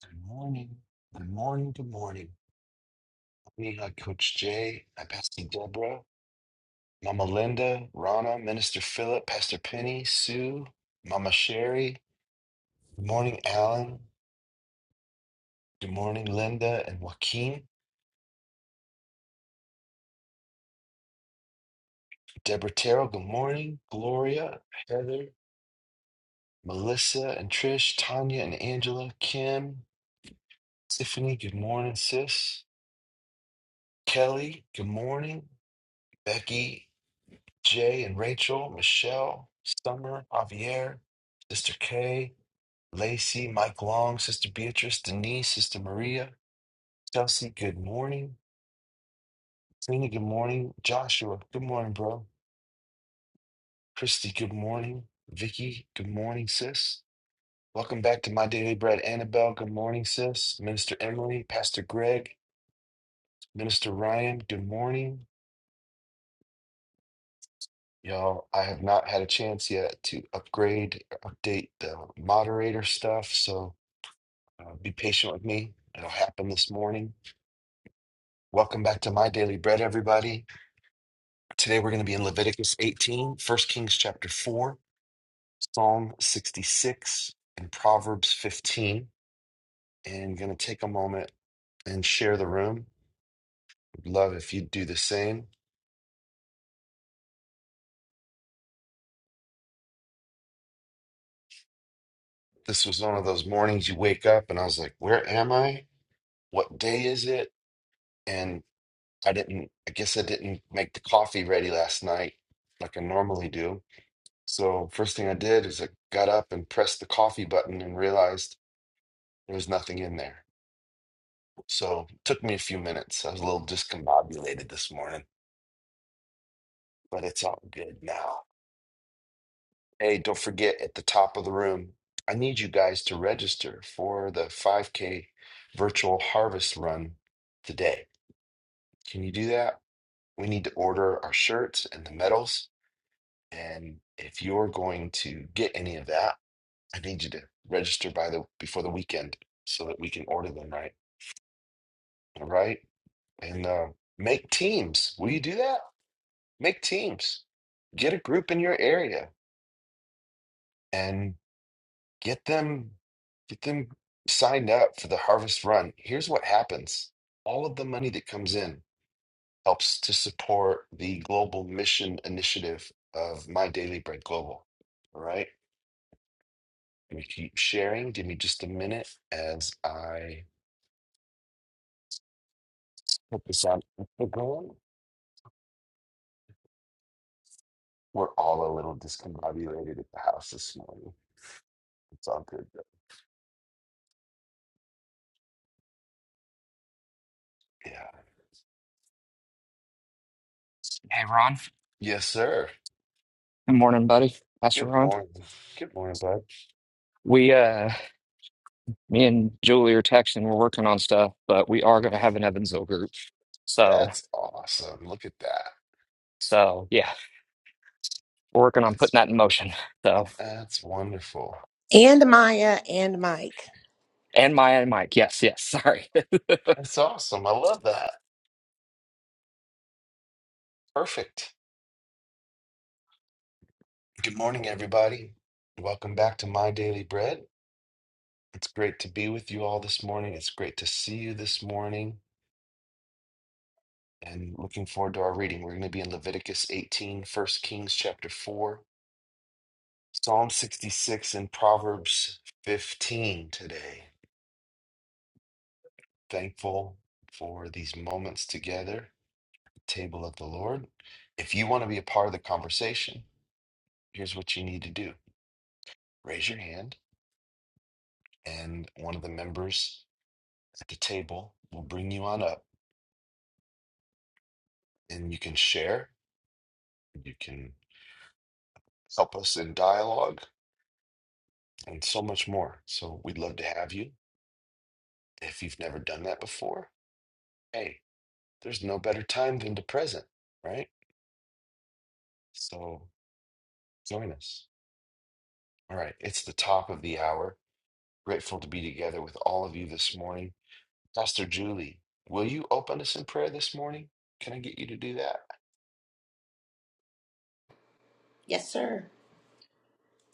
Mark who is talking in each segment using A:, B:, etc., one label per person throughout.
A: Good morning. Good morning. Good morning. We got Coach Jay, my Pastor Deborah, Mama Linda, Rana, Minister Philip, Pastor Penny, Sue, Mama Sherry. Good morning, Alan. Good morning, Linda and Joaquin. Deborah Terrell, good morning. Gloria, Heather, Melissa and Trish, Tanya and Angela, Kim, Tiffany, good morning, sis. Kelly, good morning. Becky Jay and Rachel, Michelle, Summer, Javier, Sister Kay, Lacey, Mike Long, Sister Beatrice, Denise, Sister Maria, Chelsea, good morning. Tina, good morning. Joshua, good morning, bro. Christy, good morning. Vicky, good morning, sis. Welcome back to My Daily Bread. Annabelle, good morning, sis. Minister Emily, Pastor Greg, Minister Ryan, good morning. Y'all, I have not had a chance yet to upgrade, update the moderator stuff. So Uh, be patient with me. It'll happen this morning. Welcome back to My Daily Bread, everybody. Today we're going to be in Leviticus 18, 1 Kings chapter 4, Psalm 66, and Proverbs 15. And going to take a moment and share the room. Would love if you'd do the same. This was one of those mornings you wake up and I was like, where am I? What day is it? And I didn't, I guess I didn't make the coffee ready last night like I normally do So first thing I did is I got up and pressed the coffee button and realized there was nothing in there. So it took me a few minutes. I was a little discombobulated this morning, but it's all good now. Hey, don't forget at the top of the room, I need you guys to register for the 5K virtual harvest run today. Can you do that? We need to order our shirts and the medals. And if you're going to get any of that, I need you to register by the before the weekend so that we can order them right. All right. And um, make teams. Will you do that? Make teams. Get a group in your area and get them get them signed up for the harvest run. Here's what happens. All of the money that comes in helps to support the global mission initiative of My Daily Bread Global. All right. We keep sharing. Give me just a minute as I put this on Instagram. We're all a little discombobulated at the house this morning. It's all good though. Yeah.
B: Hey, Ron.
A: Yes, sir.
B: Good morning, buddy. Pastor
A: Good
B: Ron.
A: morning. Good morning, bud.
B: We, uh, me and Julie are texting. We're working on stuff, but we are going to have an Evansville group. So,
A: That's awesome. Look at that.
B: so yeah, we're working on putting
A: That's
B: that in motion. So,
A: that's wonderful.
C: And Maya and Mike.
B: and Maya and Mike. Yes, yes. Sorry.
A: That's awesome. I love that. Perfect. Good morning, everybody. Welcome back to My Daily Bread. It's great to be with you all this morning. It's great to see you this morning. And looking forward to our reading. We're going to be in Leviticus 18, 1 Kings chapter 4, Psalm 66 and Proverbs 15 today. Thankful for these moments together, table of the Lord. If you want to be a part of the conversation, here's what you need to do raise your hand, and one of the members at the table will bring you on up, and you can share, you can help us in dialogue, and so much more. So we'd love to have you. If you've never done that before, hey, there's no better time than the present, right? So Join us. All right, it's the top of the hour. Grateful to be together with all of you this morning. Pastor Julie, will you open us in prayer this morning? Can I get you to do that?
C: Yes, sir.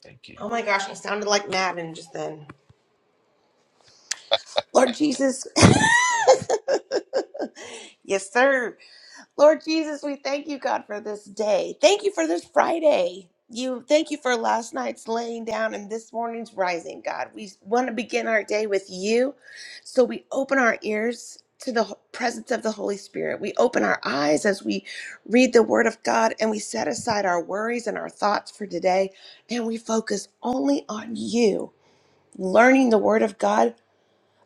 A: Thank you.
C: Oh my gosh, I sounded like Madden just then. Lord Jesus. yes, sir. Lord Jesus, we thank you, God, for this day. Thank you for this Friday. You thank you for last night's laying down and this morning's rising, God. We want to begin our day with you. So we open our ears to the ho- presence of the Holy Spirit. We open our eyes as we read the word of God and we set aside our worries and our thoughts for today and we focus only on you. Learning the word of God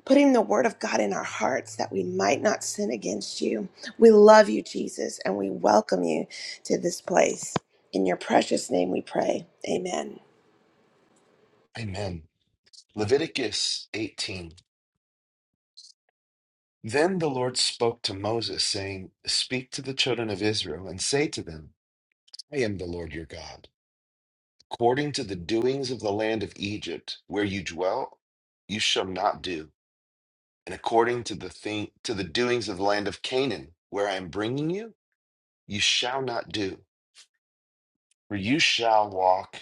C: putting the word of God in our hearts that we might not sin against you. We love you, Jesus, and we welcome you to this place. In your precious name we pray. Amen.
A: Amen. Leviticus 18. Then the Lord spoke to Moses, saying, Speak to the children of Israel and say to them, I am the Lord your God. According to the doings of the land of Egypt, where you dwell, you shall not do and according to the thing to the doings of the land of Canaan, where I am bringing you, you shall not do, for you shall walk,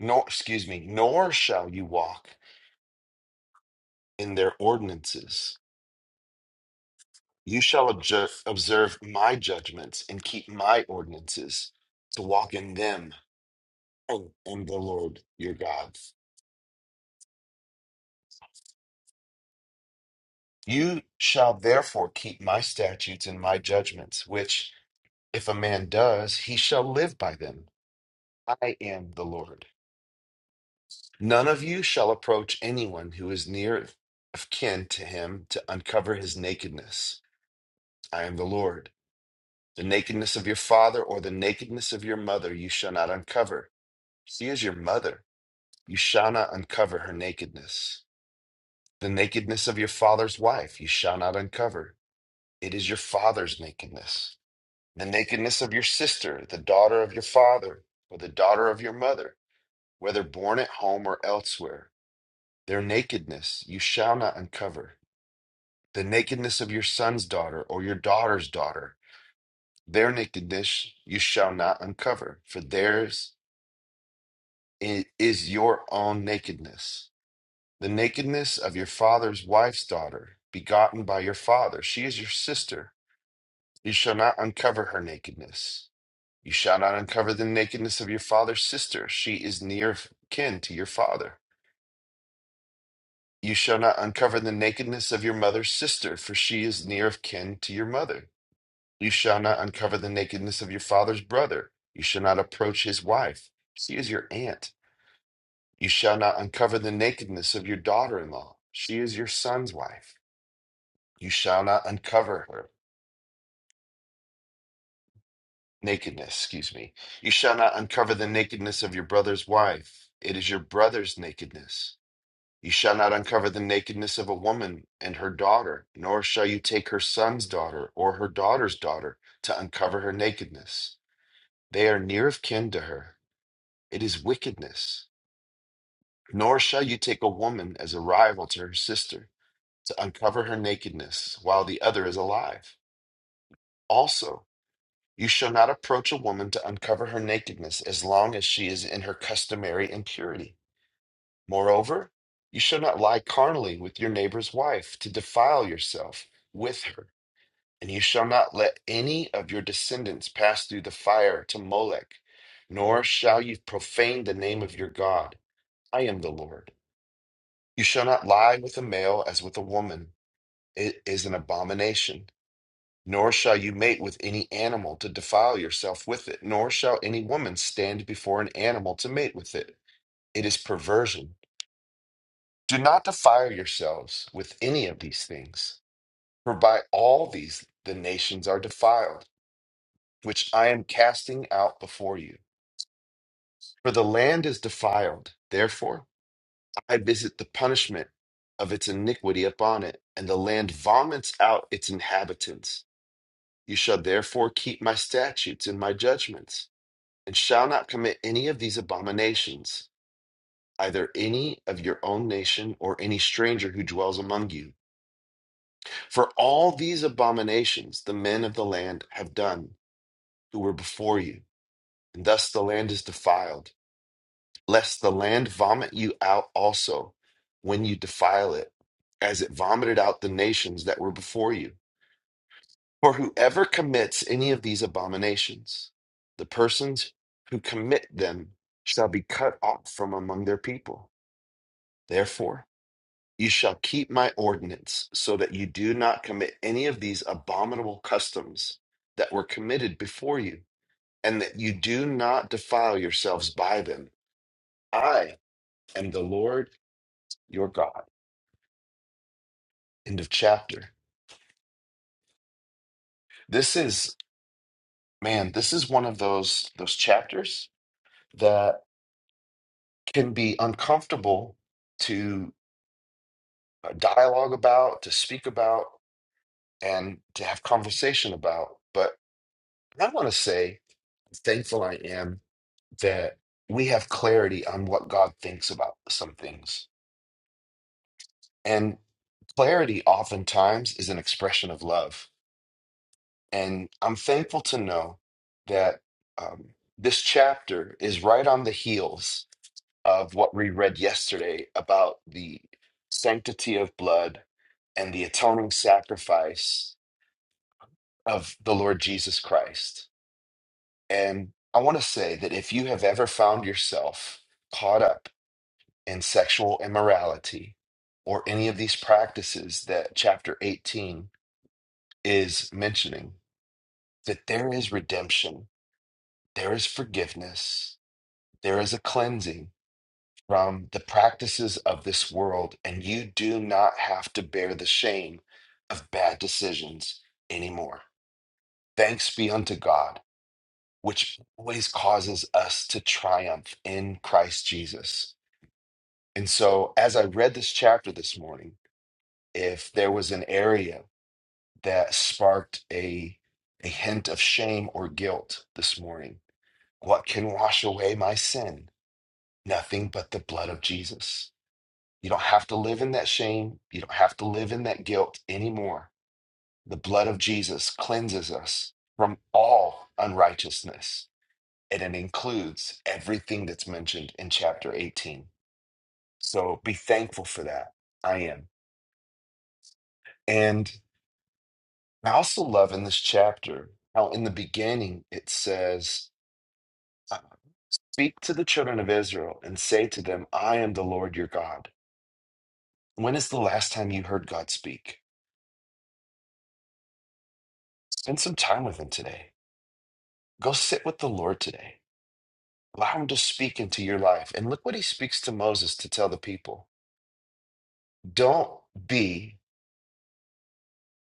A: nor, excuse me, nor shall you walk in their ordinances. You shall obje- observe my judgments and keep my ordinances to walk in them. I am the Lord your God. You shall therefore keep my statutes and my judgments, which if a man does, he shall live by them. I am the Lord. None of you shall approach anyone who is near of kin to him to uncover his nakedness. I am the Lord. The nakedness of your father or the nakedness of your mother you shall not uncover. She is your mother. You shall not uncover her nakedness. The nakedness of your father's wife you shall not uncover. It is your father's nakedness. The nakedness of your sister, the daughter of your father, or the daughter of your mother, whether born at home or elsewhere. Their nakedness you shall not uncover. the nakedness of your son's daughter or your daughter's daughter, their nakedness you shall not uncover, for theirs i- is your own nakedness. The nakedness of your father's wife's daughter, begotten by your father, she is your sister. You shall not uncover her nakedness. You shall not uncover the nakedness of your father's sister. She is near kin to your father. You shall not uncover the nakedness of your mother's sister, for she is near of kin to your mother You shall not uncover the nakedness of your father's brother. You shall not approach his wife. She is your aunt. You shall not uncover the nakedness of your daughter in law. She is your son's wife. You shall not uncover her nakedness, excuse me. You shall not uncover the nakedness of your brother's wife. It is your brother's nakedness. You shall not uncover the nakedness of a woman and her daughter, nor shall you take her son's daughter or her daughter's daughter to uncover her nakedness. They are near of kin to her. It is wickedness. Nor shall you take a woman as a rival to her sister to uncover her nakedness while the other is alive. Also, you shall not approach a woman to uncover her nakedness as long as she is in her customary impurity. Moreover, you shall not lie carnally with your neighbor's wife to defile yourself with her. And you shall not let any of your descendants pass through the fire to Molech, nor shall you profane the name of your God. I am the Lord. You shall not lie with a male as with a woman. It is an abomination. Nor shall you mate with any animal to defile yourself with it, nor shall any woman stand before an animal to mate with it. It is perversion. Do not defile yourselves with any of these things, for by all these the nations are defiled, which I am casting out before you. For the land is defiled. Therefore, I visit the punishment of its iniquity upon it, and the land vomits out its inhabitants. You shall therefore keep my statutes and my judgments, and shall not commit any of these abominations, either any of your own nation or any stranger who dwells among you. For all these abominations the men of the land have done who were before you, and thus the land is defiled. lest the land vomit you out also when you defile it, as it vomited out the nations that were before you. For whoever commits any of these abominations, the persons who commit them shall be cut off from among their people. Therefore, you shall keep my ordinance, so that you do not commit any of these abominable customs that were committed before you, and that you do not defile yourselves by them. I am the Lord your God. End of chapter. This is, man, this is one of those those chapters that can be uncomfortable to uh, dialogue about, to speak about, and to have conversation about. But I want to say, thankful I am that we have clarity on what God thinks about some things. And clarity oftentimes is an expression of love. And I'm thankful to know that um, this chapter is right on the heels of what we read yesterday about the sanctity of blood and the atoning sacrifice of the Lord Jesus Christ. And I want to say that if you have ever found yourself caught up in sexual immorality or any of these practices that chapter 18 is mentioning, that there is redemption, there is forgiveness, there is a cleansing from the practices of this world, and you do not have to bear the shame of bad decisions anymore. Thanks be unto God, which always causes us to triumph in Christ Jesus. And so, as I read this chapter this morning, if there was an area that sparked a, a hint of shame or guilt this morning, what can wash away my sin? Nothing but the blood of Jesus You don't have to live in that shame. You don't have to live in that guilt anymore. The blood of Jesus cleanses us from all unrighteousness, and it includes everything that's mentioned in chapter 18. So be thankful for that. I am. And I also love in this chapter how in the beginning it says, "Uh, Speak to the children of Israel and say to them, I am the Lord your God. When is the last time you heard God speak? Spend some time with Him today Go sit with the Lord today. Allow him to speak into your life. And look what he speaks to Moses to tell the people. Don't be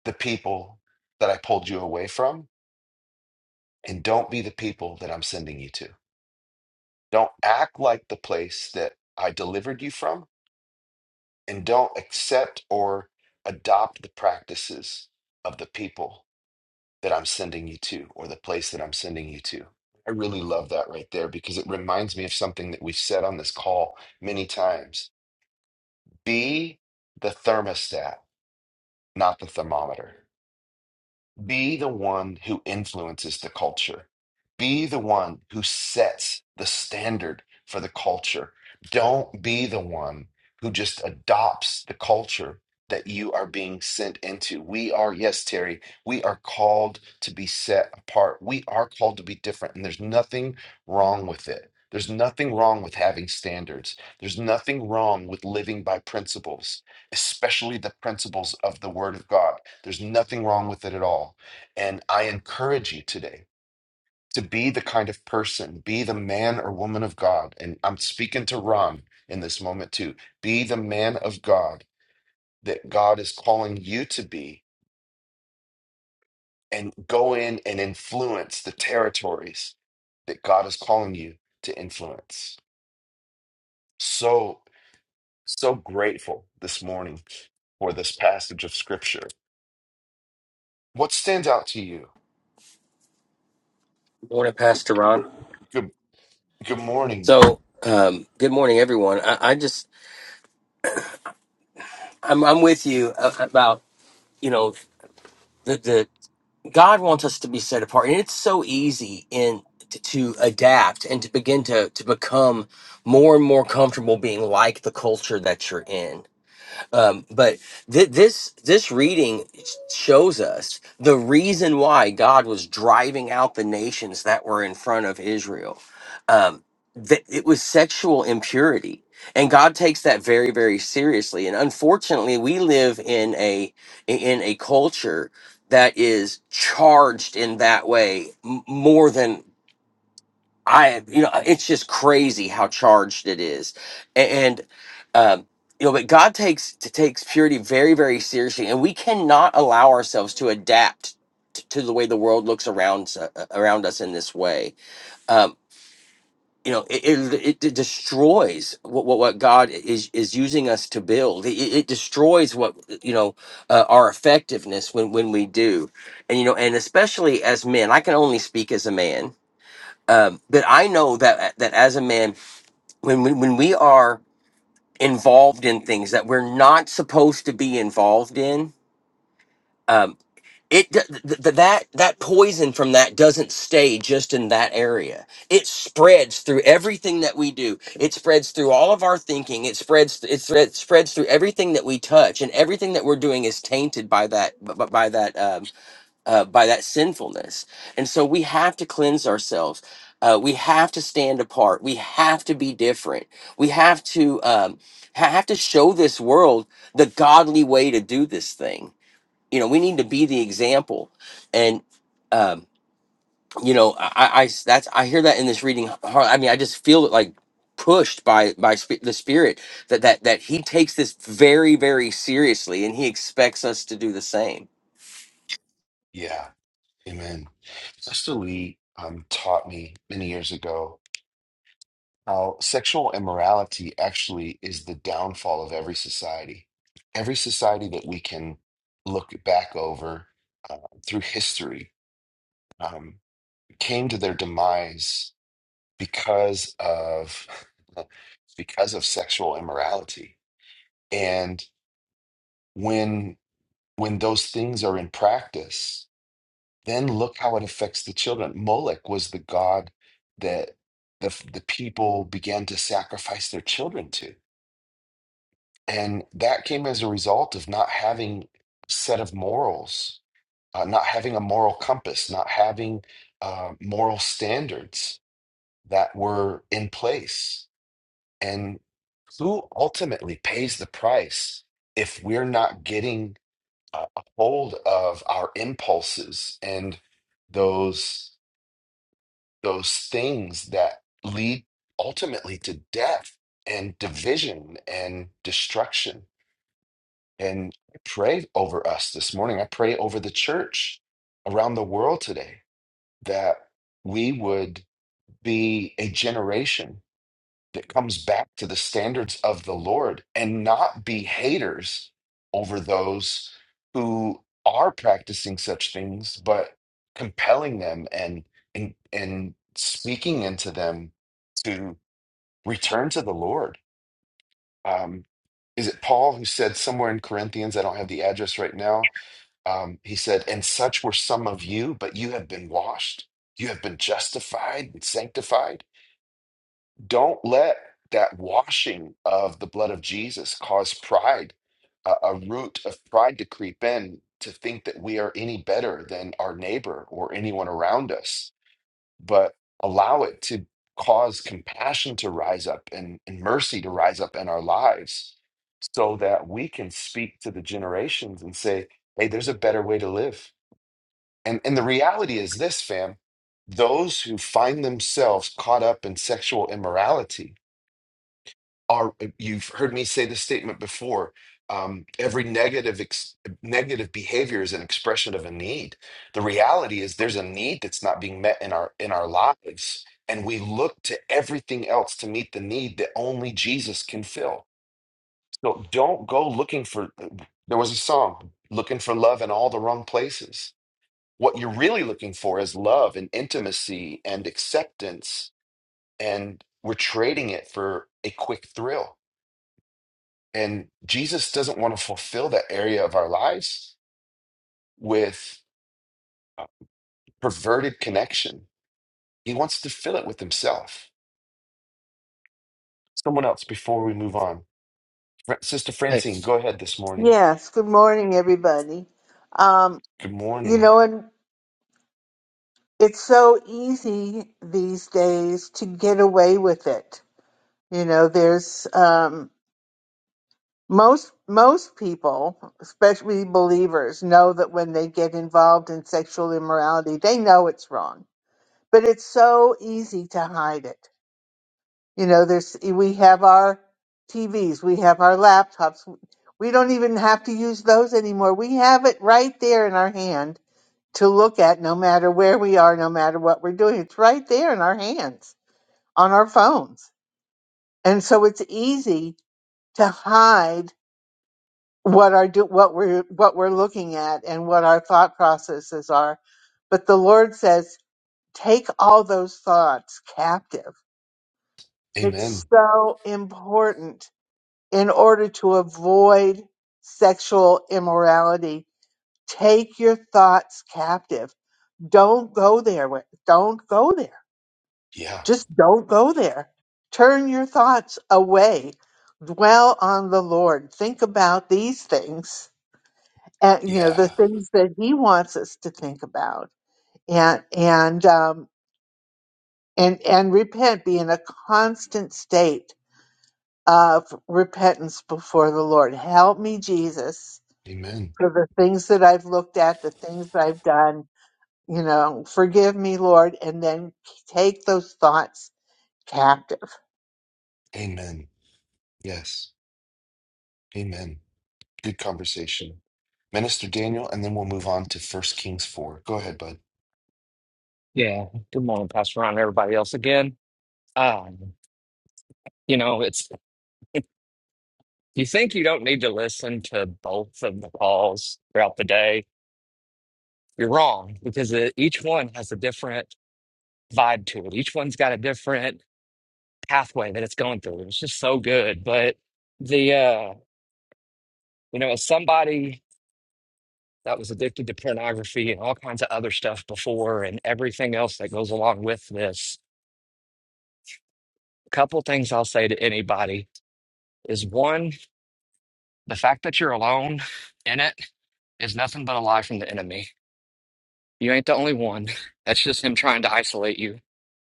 A: the people that I pulled you away from, and don't be the people that I'm sending you to. Don't act like the place that I delivered you from, and don't accept or adopt the practices of the people that I'm sending you to or the place that I'm sending you to. I really love that right there because it reminds me of something that we've said on this call many times Be the thermostat, not the thermometer. Be the one who influences the culture. Be the one who sets the standard for the culture. Don't be the one who just adopts the culture that you are being sent into. We are, yes, Terry, we are called to be set apart. We are called to be different, and there's nothing wrong with it. There's nothing wrong with having standards. There's nothing wrong with living by principles, especially the principles of the Word of God. There's nothing wrong with it at all and I encourage you today to be the kind of person, be the man or woman of God. And I'm speaking to Ron in this moment too. Be the man of God that God is calling you to be and go in and influence the territories that God is calling you to influence. So, so grateful this morning for this passage of scripture. What stands out to you?
D: Morning, Pastor Ron.
A: Good, good morning.
D: So, um, good morning, everyone. I, I just, I'm, I'm with you a- about, you know, the, the God wants us to be set apart, and it's so easy in to, to adapt and to begin to to become more and more comfortable being like the culture that you're in. Um, but th- this this reading shows us the reason why God was driving out the nations that were in front of Israel. Um, that it was sexual impurity, and God takes that very very seriously. And unfortunately, we live in a in a culture that is charged in that way m- more than I, you know, it's just crazy how charged it is, A- and, um, you know, but God takes t- takes purity very, very seriously, and we cannot allow ourselves to adapt t- to the way the world looks around s- uh, around us in this way. Um, you know, it it, it destroys what, what what God is is using us to build. It, it it destroys what you know uh, our effectiveness when when we do, and you know, and especially as men, I can only speak as a man um, that I know that that as a man, when we, when we are involved in things that we're not supposed to be involved in, um, it d- th- th- that that poison from that doesn't stay just in that area. It spreads through everything that we do. It spreads through all of our thinking. It spreads it, thre- spreads through everything that we touch, and everything that we're doing is tainted by that b- b- by that um, uh, by that sinfulness. And so we have to cleanse ourselves. Uh, we have to stand apart. We have to be different. We have to um, ha- have to show this world the godly way to do this thing. You know, we need to be the example. And um, you know, I, I I- that's I hear that in this reading. hard- I mean, I just feel it like pushed by by sp- the spirit that that that he takes this very very seriously and he expects us to do the same
A: Yeah. Amen. Sister Lee um, taught me many years ago how sexual immorality actually is the downfall of every society. Every society that we can look back over uh, through history um, came to their demise because of because of sexual immorality. And when when those things are in practice, Then look how it affects the children. Moloch was the god that the the people began to sacrifice their children to, and that came as a result of not having a set of morals, uh, not having a moral compass, not having uh, moral standards that were in place. And who ultimately pays the price if we're not getting uh, a hold of our impulses and those? those things that lead ultimately to death and division and destruction. And I pray over us this morning. I pray over the church around the world today that we would be a generation that comes back to the standards of the Lord and not be haters over those who are practicing such things, but compelling them and and and speaking into them to return to the Lord. Um, is it Paul who said somewhere in Corinthians? I don't have the address right now. Um, he said, "And such were some of you, but you have been washed, you have been justified and sanctified." Don't let that washing of the blood of Jesus cause pride, a, a root of pride to creep in to think that we are any better than our neighbor or anyone around us, but allow it to cause compassion to rise up and, and mercy to rise up in our lives so that we can speak to the generations and say, hey, there's a better way to live. And, and the reality is this, fam those who find themselves caught up in sexual immorality are eh, you've heard me say this statement before um, every negative ex- negative behavior is an expression of a need the reality is there's a need that's not being met in our in our lives and we look to everything else to meet the need that only jesus can fill so don't go looking for eh, there was a song looking for love in all the wrong places what you're really looking for is love and intimacy and acceptance and we're trading it for a quick thrill and Jesus doesn't want to fulfill that area of our lives with uh, perverted connection. He wants to fill it with himself. Someone else before we move on. Fra- Sister
B: hey,
A: Francine, go ahead this morning.
E: Yes, good morning, everybody. Um,
A: Good
E: you
A: morning.
E: know, and it's so easy these days to get away with it. You know, there's um, most most people, especially believers, know that when they get involved in sexual immorality, they know it's wrong. But it's so easy to hide it. You know, there's we have our TVs, we have our laptops. We don't even have to use those anymore. We have it right there in our hand to look at no matter where we are, no matter what we're doing. It's right there in our hands on our phones. And so it's easy to hide what our do what we're what we're looking at and what our thought processes are. But the Lord says, take all those thoughts captive. It's
A: Amen.
E: so important in order to avoid sexual immorality. Take your thoughts captive. Don't go there. with- Don't go there
A: Yeah.
E: Just don't go there. Turn your thoughts away. Dwell on the Lord. Think about these things, and you know the
A: Yeah.
E: things that He wants us to think about, and and um, and and repent. Be in a constant state of repentance before the Lord. Help me, Jesus,
A: Amen.
E: for the things that I've looked at, the things that I've done. You know, forgive me, Lord, and then take those thoughts captive
A: Amen. Yes. Amen. Good conversation. Minister Daniel, and then we'll move on to First Kings 4. Go ahead, bud.
B: yeah. Good morning, Pastor Ron, and everybody else again. Um, you know, it's you think you don't need to listen to both of the calls throughout the day, you're wrong because it, each one has a different vibe to it. Each one's got a different pathway that it's going through. It was just so good. But the uh, you know, as somebody that was addicted to pornography and all kinds of other stuff before and everything else that goes along with this, a couple things I'll say to anybody is one, the fact that you're alone in it is nothing but a lie from the enemy. You ain't the only one. That's just him trying to isolate you.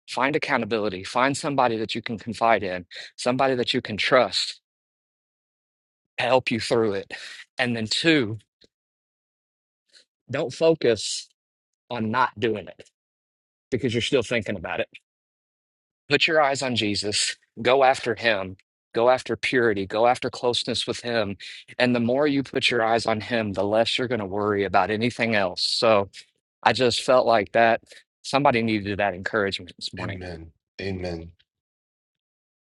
B: Find accountability. Find somebody that you can confide in, somebody that you can trust to help you through it. And then two, don't focus on not doing it because you're still thinking about it. Put your eyes on Jesus. Go after him. Go after purity. Go after closeness with him. And the more you put your eyes on him, the less you're going to worry about anything else. So I just felt like that somebody needed that encouragement this morning.
A: Amen. Amen.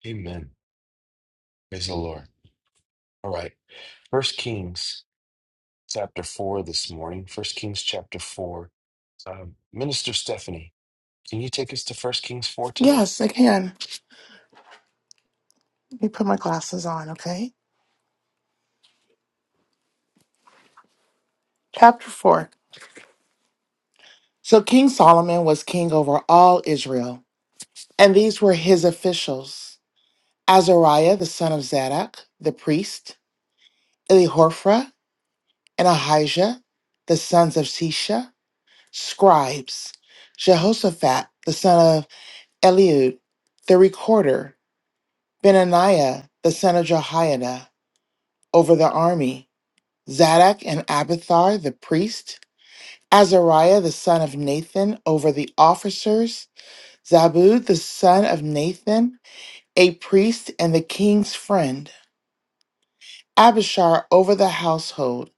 A: Amen. Praise the Lord. All right. First Kings chapter 4 this morning, First Kings chapter 4. Um, Minister Stephanie, can you take us to First Kings 4 today?
F: Yes, I can. Let me put my glasses on, okay? Chapter 4. So King Solomon was king over all Israel, and these were his officials Azariah, the son of Zadok, the priest, Elihophra, and Ahijah, the sons of Sisha, scribes, Jehoshaphat, the son of Eliud, the recorder, Benaniah, the son of Jehoiada, over the army, Zadok and Abiathar, the priest, Azariah the son of Nathan over the officers, Zabud the son of Nathan, a priest and the king's friend, Abishar over the household,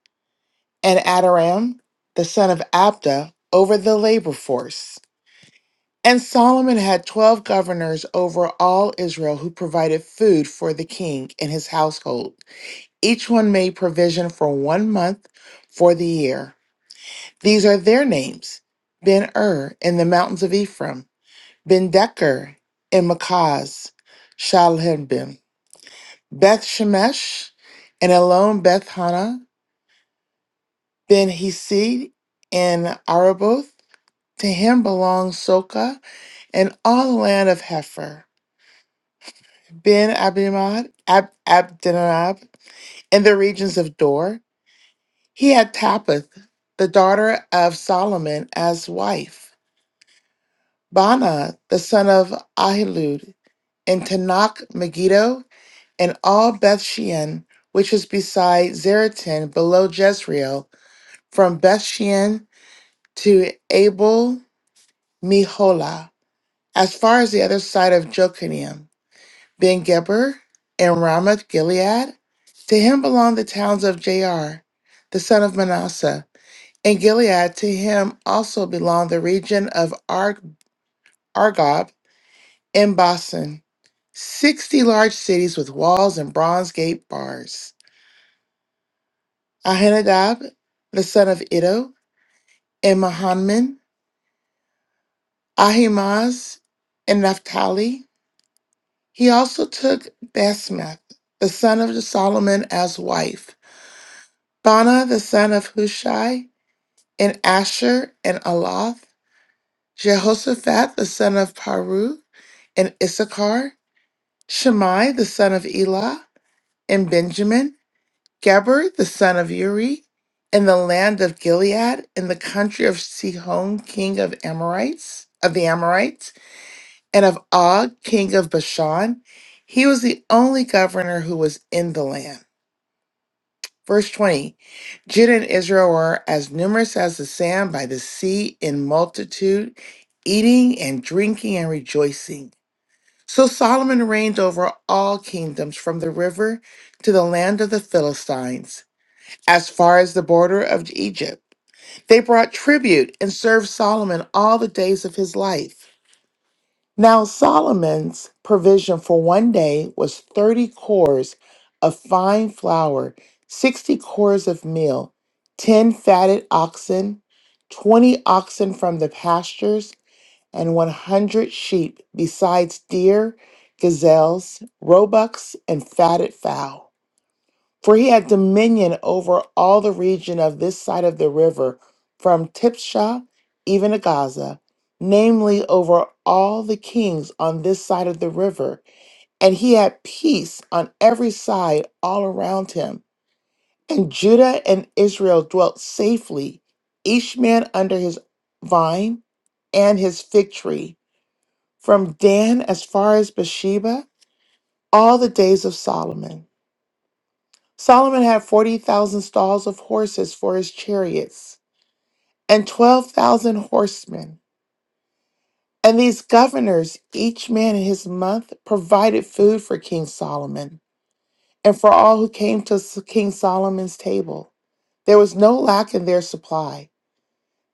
F: and Adoram the son of Abda over the labor force. And Solomon had twelve governors over all Israel who provided food for the king and his household. Each one made provision for one month for the year. These are their names Ben Ur in the mountains of Ephraim. Ben Decker and Makaz, Shalhebim, Beth Shemesh and Elon Beth Hana, Ben Hesed and Araboth. To him belong Soka and all the land of Hefer, Ben Abimad, Ab- Abdinadab, in the regions of Dor. He had Tapith, the daughter of Solomon, as wife. Bana, the son of Ahilud, in Tanakh Megiddo and all Beth Shean, which is beside Zeratan below Jezreel, from Beth Shean to Abel Meholah, as far as the other side of Jokineam, Ben Geber, and Ramoth Gilead. To him belong the towns of Jair, the son of Manasseh, and Gilead. To him also belong the region of Arg- Argob and Basan, sixty large cities with walls and bronze gate bars. Ahinadab, the son of Iddo, and Mahanman, Ahimaaz, and Naphtali. He also took Basemath, the son of Solomon, as wife, Bana, the son of Hushai, and Asher, and Aloth, Jehoshaphat, the son of Paru, and Issachar, Shimei, the son of Elah, and Benjamin, Geber the son of Uri, in the land of Gilead, in the country of Sihon, king of Amorites, of the Amorites, and of Og, king of Bashan. He was the only governor who was in the land. Verse 20 Judah and Israel were as numerous as the sand by the sea in multitude, eating and drinking and rejoicing. So Solomon reigned over all kingdoms from the river to the land of the Philistines as far as the border of Egypt. They brought tribute and served Solomon all the days of his life. Now, Solomon's provision for one day was 30 cores of fine flour, 60 cores of meal, 10 fatted oxen, 20 oxen from the pastures, and 100 sheep, besides deer, gazelles, roebucks, and fatted fowl. For he had dominion over all the region of this side of the river, from Tipshah even to Gaza, namely over all the kings on this side of the river. And he had peace on every side all around him. And Judah and Israel dwelt safely, each man under his vine and his fig tree, from Dan as far as Beersheba, all the days of Solomon. Solomon had 40,000 stalls of horses for his chariots and 12,000 horsemen. And these governors, each man in his month, provided food for King Solomon and for all who came to S- King Solomon's table. There was no lack in their supply.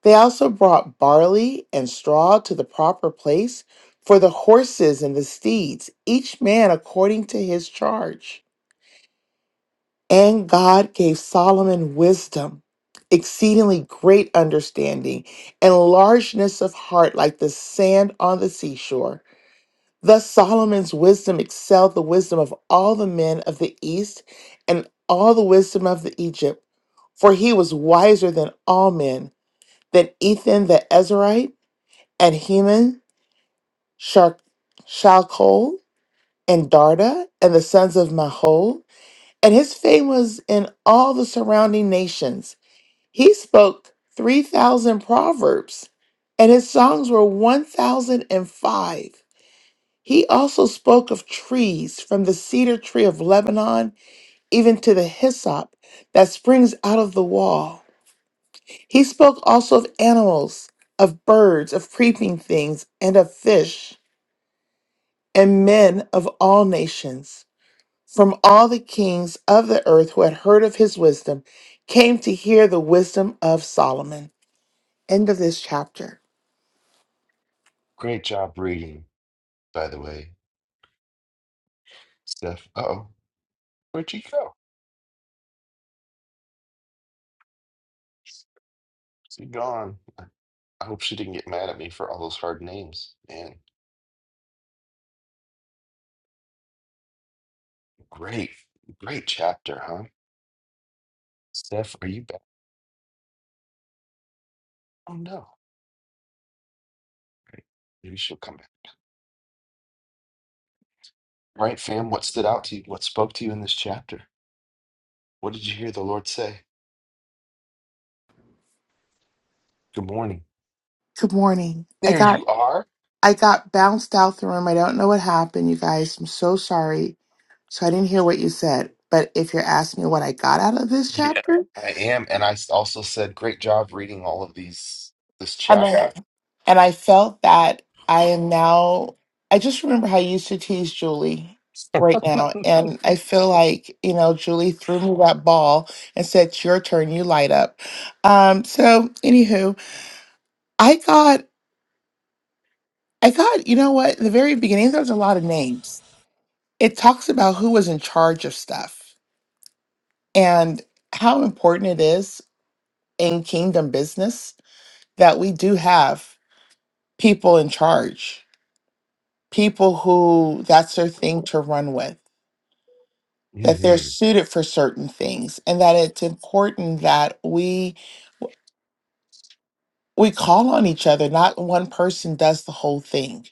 F: They also brought barley and straw to the proper place for the horses and the steeds, each man according to his charge. And God gave Solomon wisdom, exceedingly great understanding, and largeness of heart like the sand on the seashore. Thus Solomon's wisdom excelled the wisdom of all the men of the east and all the wisdom of the Egypt, for he was wiser than all men, than Ethan the Ezraite, and Heman, Shar- Shalcol, and Darda, and the sons of Mahol, and his fame was in all the surrounding nations. He spoke 3,000 proverbs, and his songs were 1,005. He also spoke of trees, from the cedar tree of Lebanon even to the hyssop that springs out of the wall. He spoke also of animals, of birds, of creeping things, and of fish, and men of all nations. From all the kings of the earth who had heard of his wisdom came to hear the wisdom of Solomon. End of this chapter.
A: Great job reading, by the way, Steph. Uh-oh, where'd she go? She gone. I I hope she didn't get mad at me for all those hard names. Man, great, great chapter, huh? Steph, are you back? Oh no. Right. Maybe she'll come back. All right, fam, what stood out to you? What spoke to you in this chapter? What did you hear the Lord say? Good morning.
F: Good morning. I
A: There
F: got
A: you are.
F: I got bounced out the room. I don't know what happened, you guys. I'm so sorry. So I didn't hear what you said. But if you're asking me what I got out of this
A: Yeah.
F: chapter,
A: I am. And I s- also said, great job reading all of these, this
F: and I,
A: chapter.
F: and I felt that I am now. I just remember how I used to tease Julie right now, and I feel like you know Julie threw me that ball and said, "It's your turn. You light up." Um, so anywho, I got I got you know what? In the very beginning, there was a lot of names. it talks about who was in charge of stuff and how important it is in kingdom business that we do have people in charge, people who that's their thing to run with, that they're
A: Mm-hmm.
F: suited for certain things, and that it's important that we we call on each other. Not one person does the whole thing.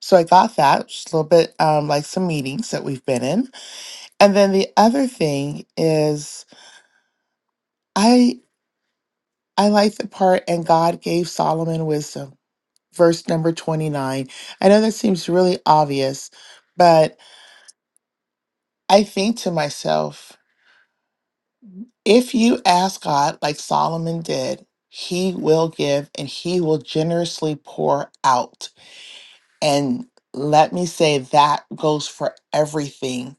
F: So I got that just a little bit um, like some meetings that we've been in, and then the other thing is. I like the part, and God gave Solomon wisdom. Verse number 29. I know that seems really obvious, but I think to myself, if you ask God like Solomon did, he will give and he will generously pour out. And let me say that goes for everything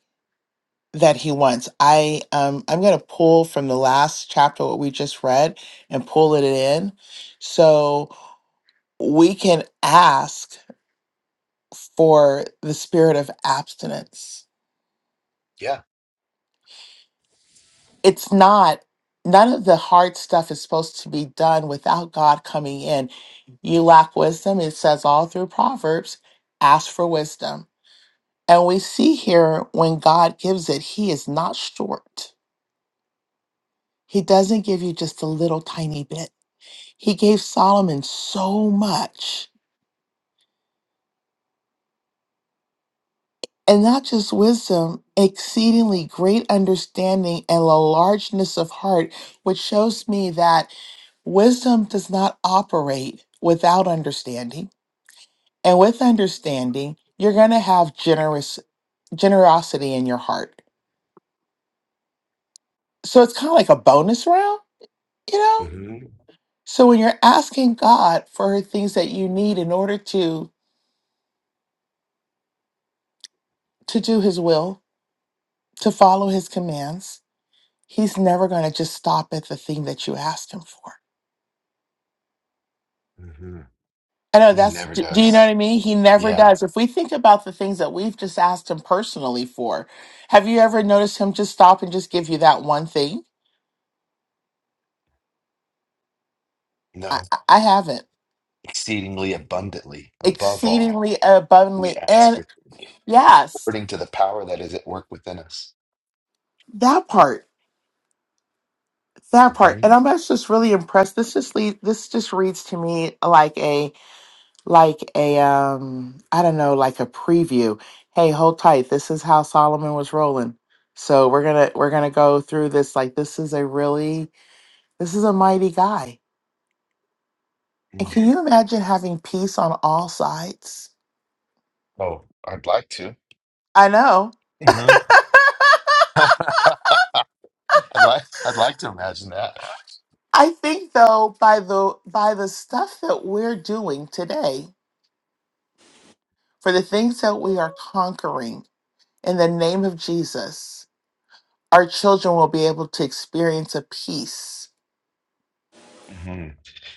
F: that he wants. I um I'm going to pull from the last chapter what we just read and pull it in. So we can ask for the spirit of abstinence.
A: Yeah.
F: It's not, none of the hard stuff is supposed to be done without God coming in. You lack wisdom, it says all through Proverbs, ask for wisdom. And we see here when God gives it, He is not short. He doesn't give you just a little tiny bit. He gave Solomon so much and not just wisdom, exceedingly great understanding and a largeness of heart, which shows me that wisdom does not operate without understanding. And with understanding, you're going to have generous generosity in your heart. So it's kind of like a bonus round, you know?
A: Mm-hmm.
F: So when you're asking God for things that you need in order to to do his will, to follow his commands, he's never going to just stop at the thing that you asked him for
A: Mm-hmm.
F: I know
A: He
F: that's,
A: never
F: d- do you know
A: does.
F: what I mean? He never
A: Yeah.
F: does. If we think about the things that we've just asked him personally for, have you ever noticed him just stop and just give you that one thing? I,
A: No.
F: I I haven't.
A: Exceedingly abundantly, above all,
F: Exceedingly
A: we
F: abundantly.
A: ask
F: And yes,
A: according to the power that is at work within us.
F: that part, that part. And I'm just just really impressed. This just lead, this just reads to me like a, like a, um, I don't know, like a preview. Hey, hold tight. This is how Solomon was rolling. So we're gonna we're gonna go through this like this is a really This is a mighty guy. And
A: Mm.
F: can you imagine having peace on all sides?
A: Oh, I'd like to.
F: I know. I
A: hmm I'd like I'd like to imagine that.
F: think though by the by the stuff that we're doing today, for the things that we are conquering in the name of Jesus, our children will be able to experience a peace.
A: hmm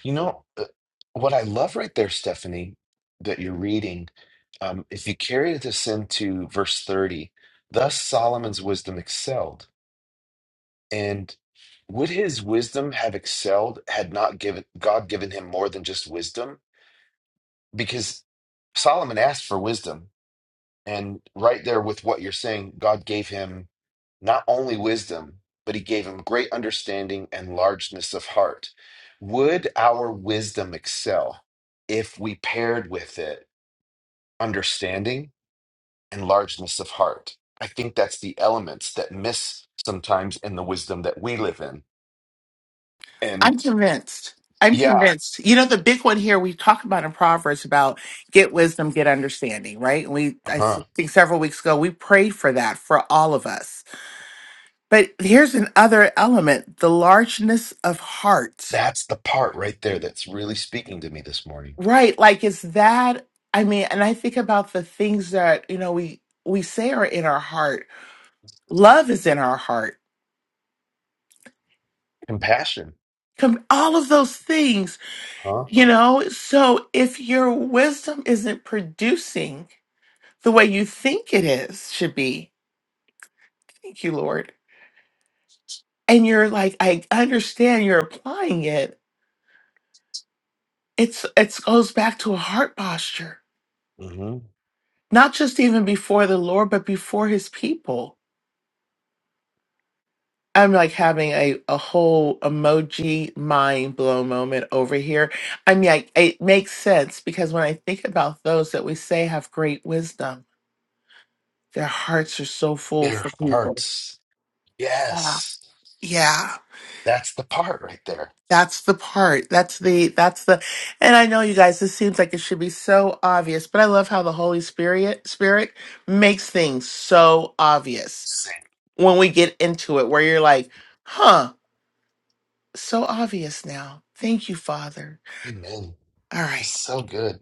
A: You know uh, what I love right there, Stephanie, that you're reading. Um, if you carry this into verse 30, thus Solomon's wisdom excelled. And would his wisdom have excelled had not given God given him more than just wisdom? because Solomon asked for wisdom. And right there with what you're saying, God gave him not only wisdom, but he gave him great understanding and largeness of heart. Would our wisdom excel if we paired with it understanding and largeness of heart? I think that's the elements that miss sometimes in the wisdom that we live in. And
F: I'm convinced. I'm
A: yeah,
F: convinced. You know, the big one here we talked about in Proverbs about get wisdom, get understanding, right? And we I s-
A: huh,
F: think several weeks ago we prayed for that for all of us But here's another element the largeness of heart.
A: that's the part right there that's really speaking to me this morning.
F: Right. Like, is that, I mean, and I think about the things that, you know, we, we say are in our heart. Love is in our heart.
A: Compassion.
F: Com- All of those things,
A: Huh?
F: you know? So if your wisdom isn't producing the way you think it is, should be, thank you, Lord. And you're like, I understand you're applying it. It's, it goes back to a heart posture
A: hmm
F: not just even before the Lord, but before his people. I'm like having a, a whole emoji mind blow moment over here. I mean, I, it makes sense because when I think about those that we say have great wisdom, their hearts are so full
A: Their
F: for people.
A: hearts.
F: Yeah.
A: Yes.
F: Yeah.
A: That's the part right there.
F: That's the part. That's the, that's the, and I know you guys, this seems like it should be so obvious, but I love how the Holy Spirit, Spirit makes things so obvious
A: Say
F: when we get into it, where you're like, huh, so obvious now. Thank you, Father.
A: Amen.
F: All right.
A: It's so good.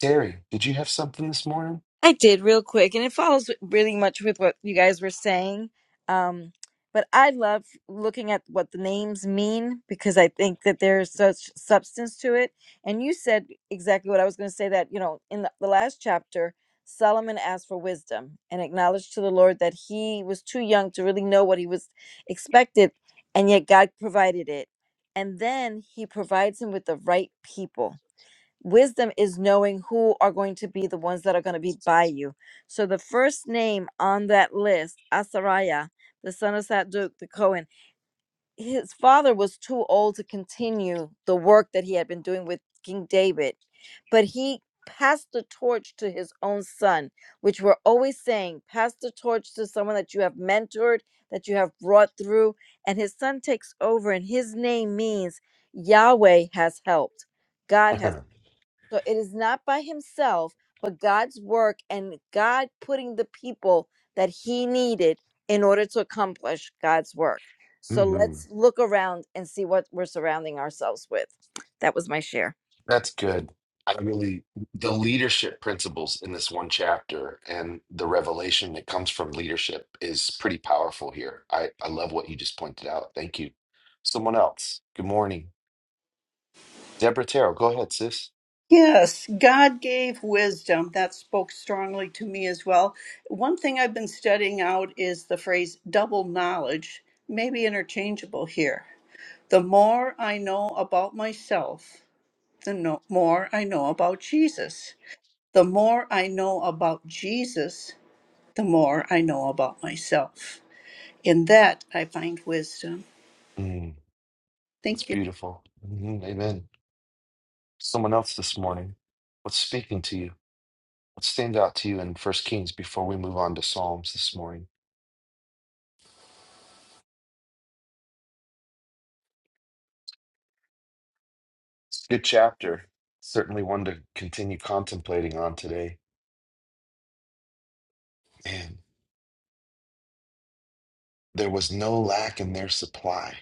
A: Terry, did you have something this morning?
G: I did real quick, and it follows really much with what you guys were saying. Um, but I love looking at what the names mean because I think that there's such substance to it. And you said exactly what I was going to say that, you know, in the, the last chapter, Solomon asked for wisdom and acknowledged to the Lord that he was too young to really know what he was expected, and yet God provided it. And then he provides him with the right people Wisdom is knowing who are going to be the ones that are going to be by you. So the first name on that list, Asariah, the son of Saduk the Cohen, his father was too old to continue the work that he had been doing with King David, but he passed the torch to his own son, which we're always saying, pass the torch to someone that you have mentored, that you have brought through, and his son takes over, and his name means Yahweh has helped. God has so it is not by himself, but God's work and God putting the people that he needed in order to accomplish God's work. So
A: hmm
G: let's look around and see what we're surrounding ourselves with. That was my share.
A: That's good. I really, the leadership principles in this one chapter and the revelation that comes from leadership is pretty powerful here. I, I love what you just pointed out. Thank you. Someone else. Good morning. Deborah Terrell, go ahead, sis.
H: Yes, God gave wisdom. That spoke strongly to me as well. One thing I've been studying out is the phrase double knowledge, maybe interchangeable here. The more I know about myself, the no- more I know about Jesus. The more I know about Jesus, the more I know about myself. In that, I find wisdom.
A: Mm, that's
H: Thank you.
A: beautiful. Mhm, Amen. someone else this morning? What's speaking to you? What stands out to you in First Kings before we move on to Psalms this morning? It's a good chapter. Certainly one to continue contemplating on today. And there was no lack in their supply.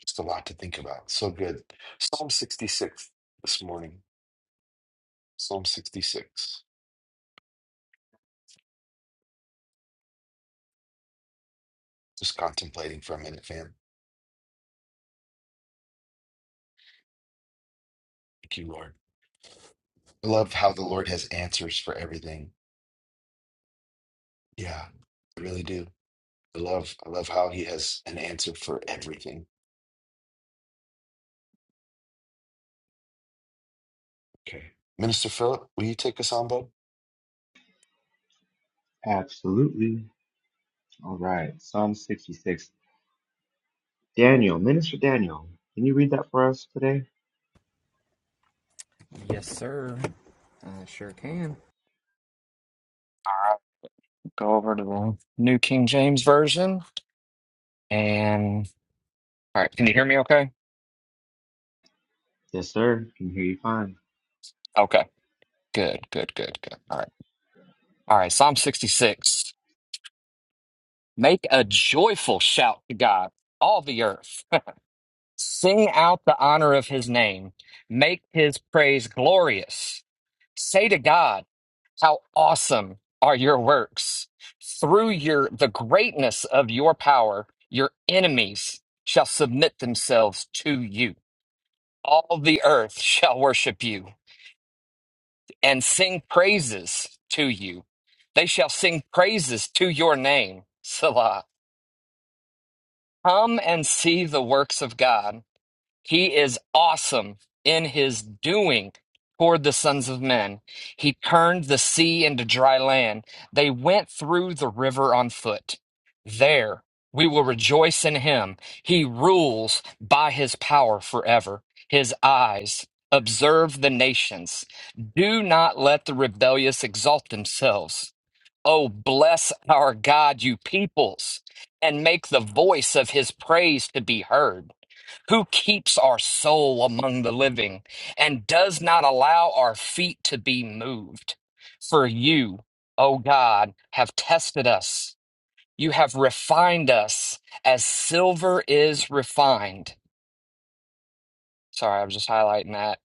A: Just a lot to think about. So good. Psalm 66 this morning. Psalm 66. Just contemplating for a minute, fam. Thank you, Lord. I love how the Lord has answers for everything. Yeah, I really do. I love I love how he has an answer for everything. Okay. Minister Philip, will you take us on, bud?
I: Absolutely. All right. Psalm 66. Daniel, Minister Daniel, can you read that for us today?
B: Man. All right, go over to the New King James Version. And all right, can you hear me okay?
I: Yes, sir. Can hear you fine.
B: Okay, good, good, good, good. All right. All right, Psalm 66. Make a joyful shout to God, all the earth. Sing out the honor of his name. Make his praise glorious. Say to God, how awesome are your works. Through your the greatness of your power, your enemies shall submit themselves to you. All the earth shall worship you and sing praises to you. They shall sing praises to your name, Selah. Come and see the works of God He is awesome in his doing toward the sons of men. He turned the sea into dry land. They went through the river on foot. There we will rejoice in him. He rules by his power forever. His eyes observe the nations. Do not let the rebellious exalt themselves. Oh, bless our God, you peoples, and make the voice of his praise to be heard who keeps our soul among the living and does not allow our feet to be moved. For you, O God, have tested us. You have refined us as silver is refined Sorry, i was just highlighting that.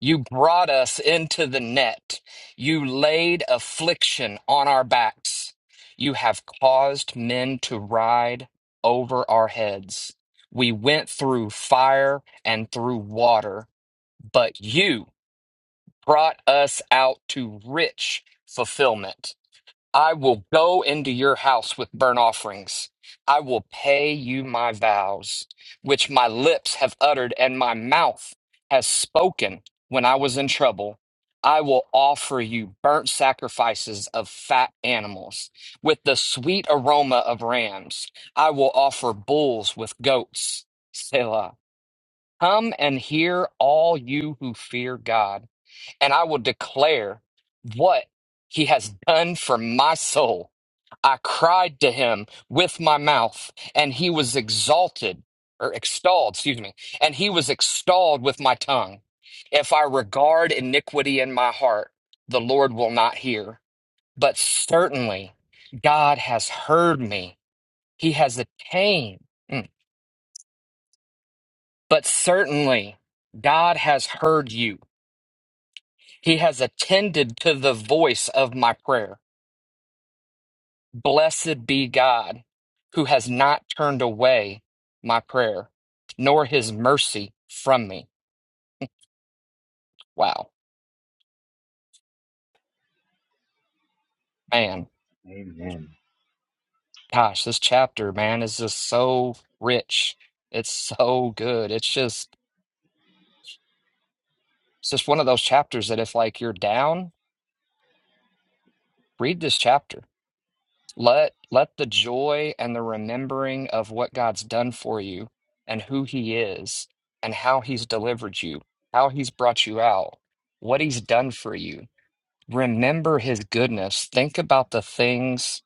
B: You brought us into the net. You laid affliction on our backs. You have caused men to ride over our heads. We went through fire and through water, but you brought us out to rich fulfillment. I will go into your house with burnt offerings. I will pay you my vows, which my lips have uttered and my mouth has spoken when I was in trouble. I will offer you burnt sacrifices of fat animals with the sweet aroma of rams. I will offer bulls with goats. Selah. Come and hear all you who fear God, and I will declare what he has done for my soul. I cried to him with my mouth, and he was exalted, or extolled, excuse me, and he was extolled with my tongue. If I regard iniquity in my heart, the Lord will not hear. But certainly God has heard me. He has attained. Mm. But certainly God has heard you. He has attended to the voice of my prayer. Blessed be God, who has not turned away my prayer, nor his mercy from me. Wow. Man,
I: Amen.
B: gosh, this chapter, man, is just so rich. It's so good. It's just it's just one of those chapters that if like you're down, read this chapter. Let let the joy and the remembering of what God's done for you and who he is and how he's delivered you, how he's brought you out, what he's done for you Remember his goodness. Think about the things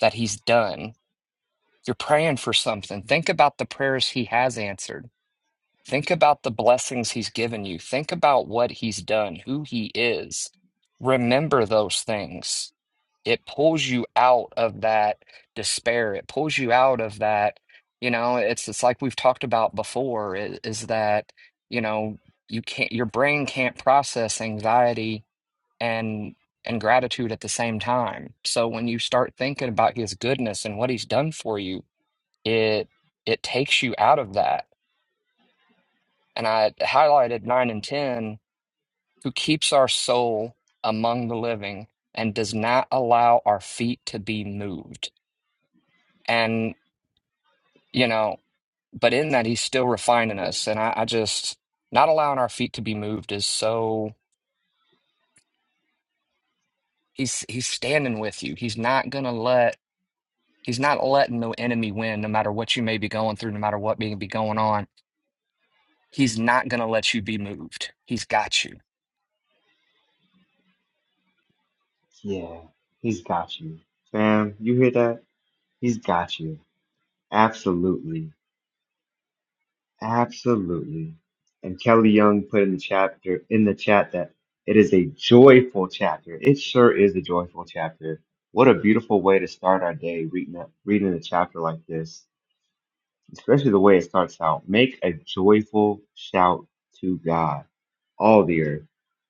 B: that he's done. You're praying for something. Think about the prayers he has answered. Think about the blessings he's given you. Think about what he's done, who he is. Remember those things. It pulls you out of that despair. It pulls you out of that, you know, it's it's like we've talked about before, i- is that, you know, you can't your brain can't process anxiety and and gratitude at the same time. So when you start thinking about his goodness and what he's done for you, it it takes you out of that. And I highlighted 9 and 10 who keeps our soul among the living and does not allow our feet to be moved. And you know, but in that he's still refining us and I, I just not allowing our feet to be moved is so he's he's standing with you. He's not going to let He's not letting no enemy win, no matter what you may be going through, no matter what may be going on. He's not going to let you be moved. He's got you.
I: Yeah, he's got you. Fam, you hear that? He's got you. Absolutely. Absolutely. And Kelly Young put in the chapter in the chat that it is a joyful chapter. It sure is a joyful chapter. What a beautiful way to start our day reading that, reading a chapter like this especially the way it starts out. Make a joyful shout to God, all the earth.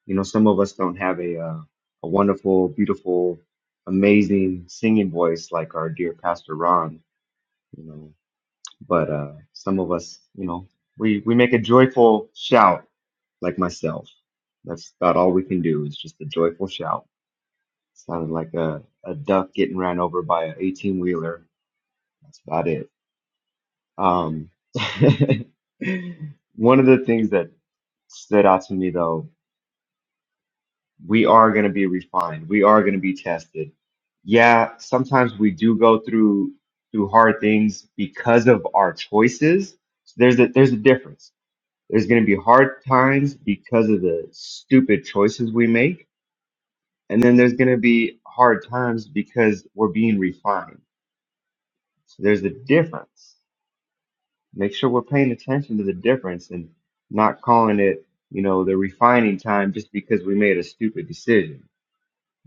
I: You know, some of us don't have a uh, a wonderful, beautiful, amazing singing voice like our dear Pastor Ron. You know, but uh, some of us, you know, we we make a joyful shout like myself. That's about all we can do is just a joyful shout. Sounded like a, a duck getting ran over by an 18 wheeler. That's about it. Um, one of the things that stood out to me though, we are going to be refined. We are going to be tested. Yeah, sometimes we do go through through hard things because of our choices. So there's a there's a difference. There's going to be hard times because of the stupid choices we make, and then there's going to be hard times because we're being refined. So there's a difference. Make sure we're paying attention to the difference and not calling it, you know, the refining time just because we made a stupid decision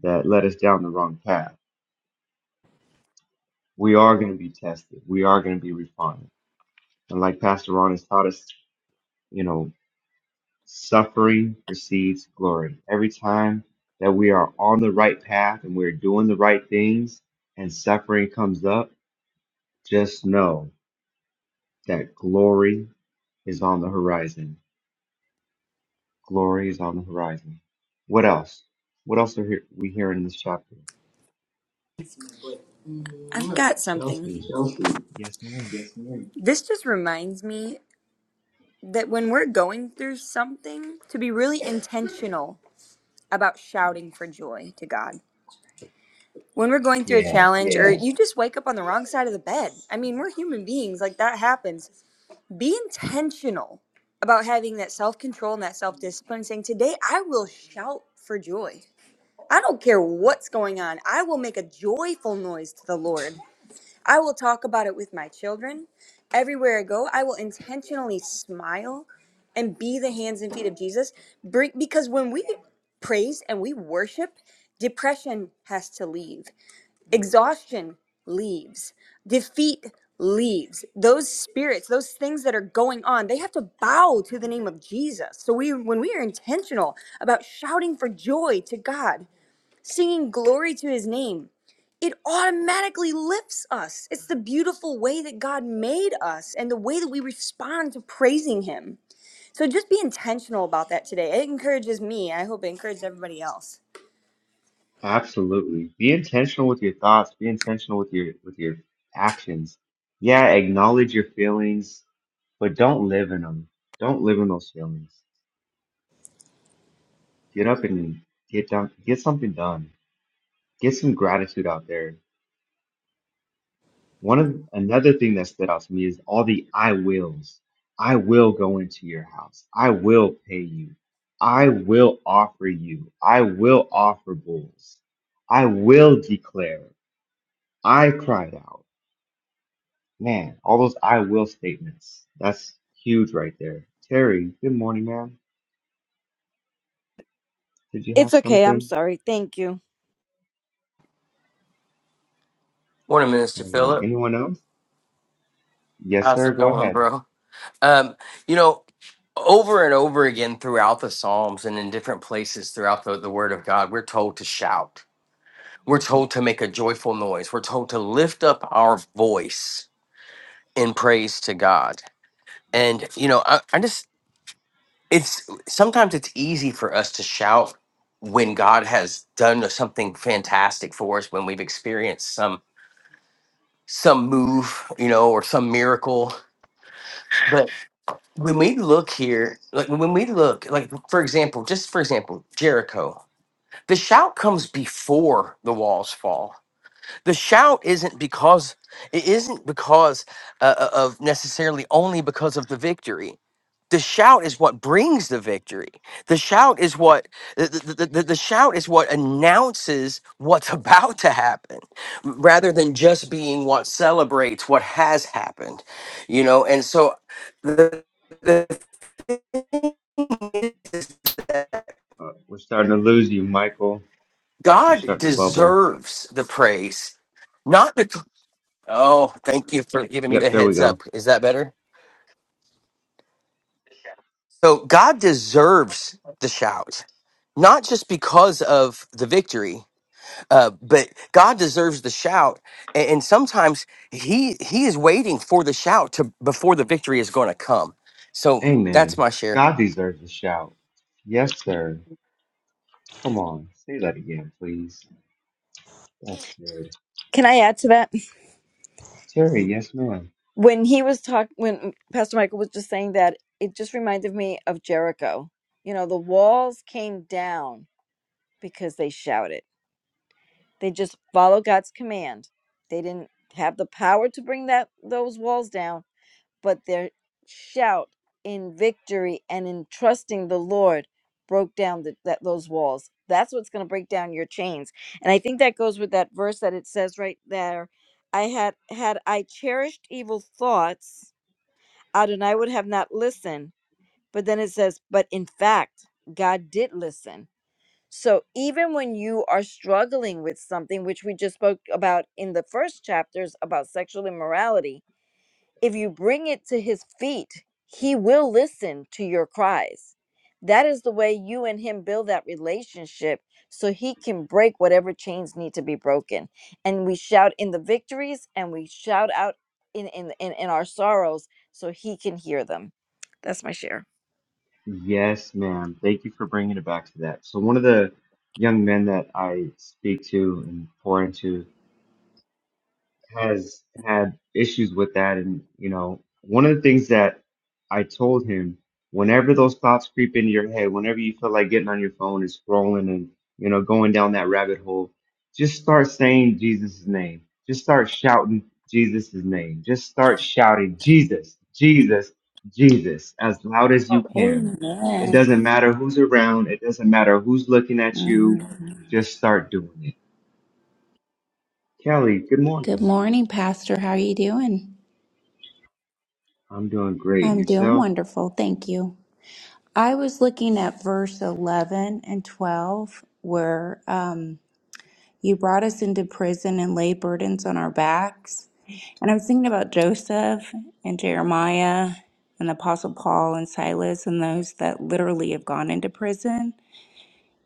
I: that led us down the wrong path. We are going to be tested. We are going to be refined. And like Pastor Ron has taught us, you know, suffering precedes glory. Every time that we are on the right path and we're doing the right things and suffering comes up, just know that glory is on the horizon Glory is on the horizon. What else? What else are here, we hearing in this chapter?
J: I've got something.
I: Chelsea. Yes, ma'am.
J: This just reminds me that when we're going through something, to be really intentional about shouting for joy to God. When we're going through a
I: Yes.
J: challenge or Yeah. you just wake up on the wrong side of the bed. I mean, we're human beings, like that happens. Be intentional about having that self control and that self discipline, saying, Today I will shout for joy. I don't care what's going on. I will make a joyful noise to the Lord. I will talk about it with my children. Everywhere I go, I will intentionally smile and be the hands and feet of Jesus. Bring because when we praise and we worship, depression has to leave. Exhaustion leaves. Defeat leaves. Those spirits, those things that are going on, they have to bow to the name of Jesus. So we when we are intentional about shouting for joy to God, singing glory to his name, it automatically lifts us. It's the beautiful way that God made us and the way that we respond to praising Him. So just be intentional about that today. It encourages me. I hope it encourages everybody else.
I: Absolutely. Be intentional with your thoughts. Be intentional with your with your actions. Yeah, acknowledge your feelings, but don't live in them. Don't live in those feelings. Get up and get down. Get something done. Get some gratitude out there. One of another thing that stood out to me is all the I wills. I will go into your house. I will pay you. I will offer you. I will offer bulls. I will declare. I cried out. Man, all those I will statements. That's huge right there. Terry, good morning, ma'am. Did you
G: It's
I: have
G: okay. I'm
I: something?
G: sorry. Thank you.
D: Morning, Minister
I: All right.
D: Philip.
I: Anyone else? Yes,
D: How's
I: sir.
D: it
I: Go
D: going,
I: ahead.
D: bro? Um, you know, over and over again throughout the Psalms and in different places throughout the, the Word of God, we're told to shout. We're told to make a joyful noise. We're told to lift up our voice in praise to God. And, you know, I, I just, it's sometimes it's easy for us to shout when God has done something fantastic for us, when we've experienced some some move, you know, or some miracle. when we look here, like when we look, like for example, just for example, Jericho, the shout comes before the walls fall. The shout isn't because it isn't because uh, uh, of necessarily only because of the victory. The shout is what brings the victory. The shout is what the, the, the, the the shout is what announces what's about to happen, rather than just being what celebrates what has happened. You know, and so the
I: Uh, we're starting to lose you, Michael. You're
D: God
I: starting to bubble.
D: deserves the praise, not the. Oh, thank you for giving me the
I: Yep, there we
D: heads
I: go.
D: up. Is that better? So God deserves the shout, not just because of the victory, uh, but God deserves the shout. a- And, sometimes He He is waiting for the shout to before the victory is going to come. So that's
I: Amen.
D: my share.
I: God deserves a shout. Yes, sir. Come on. Say that again, please. That's good.
G: Can I add to that?
I: Terry, yes, ma'am.
G: When he was talking, when Pastor Michael was just saying that, it just reminded me of Jericho. You know, the walls came down because they shouted. They just follow God's command. They didn't have the power to bring that those walls down, but their shout in victory and in trusting the Lord broke down the, that those walls. That's what's going to break down your chains. And I think that goes with that verse that it says right there. I had had I cherished evil thoughts, Adonai would have not listened. But then it says, but in fact, God did listen so even when you are struggling with something, which we just spoke about in the first chapters about sexual immorality, if you bring it to his feet, he will listen to your cries. That is the way you and him build that relationship so he can break whatever chains need to be broken. And we shout in the victories and we shout out in in in, in our sorrows so he can hear them. That's my share.
I: Yes, ma'am. Thank you for bringing it back to that. So, one of the young men that I speak to and pour into has had issues with that. And, you know, one of the things that I told him, whenever those thoughts creep into your head, whenever you feel like getting on your phone and scrolling and, you know, going down that rabbit hole, just start saying Jesus' name. Just start shouting Jesus' name. Just start shouting Jesus, Jesus, Jesus as loud as you can. It
K: Amen.
I: doesn't matter who's around. It doesn't matter who's looking at you.
K: Mhm.
I: Just start doing it. Kelly, good
K: Good
I: morning.
K: morning, Pastor. How are you doing?
I: I'm doing great. And
K: I'm doing
I: yourself?
K: wonderful. Thank you. I was looking at verse 11 and 12 where um, you brought us into prison and laid burdens on our backs. And I was thinking about Joseph and Jeremiah and the Apostle Paul and Silas and those that literally have gone into prison.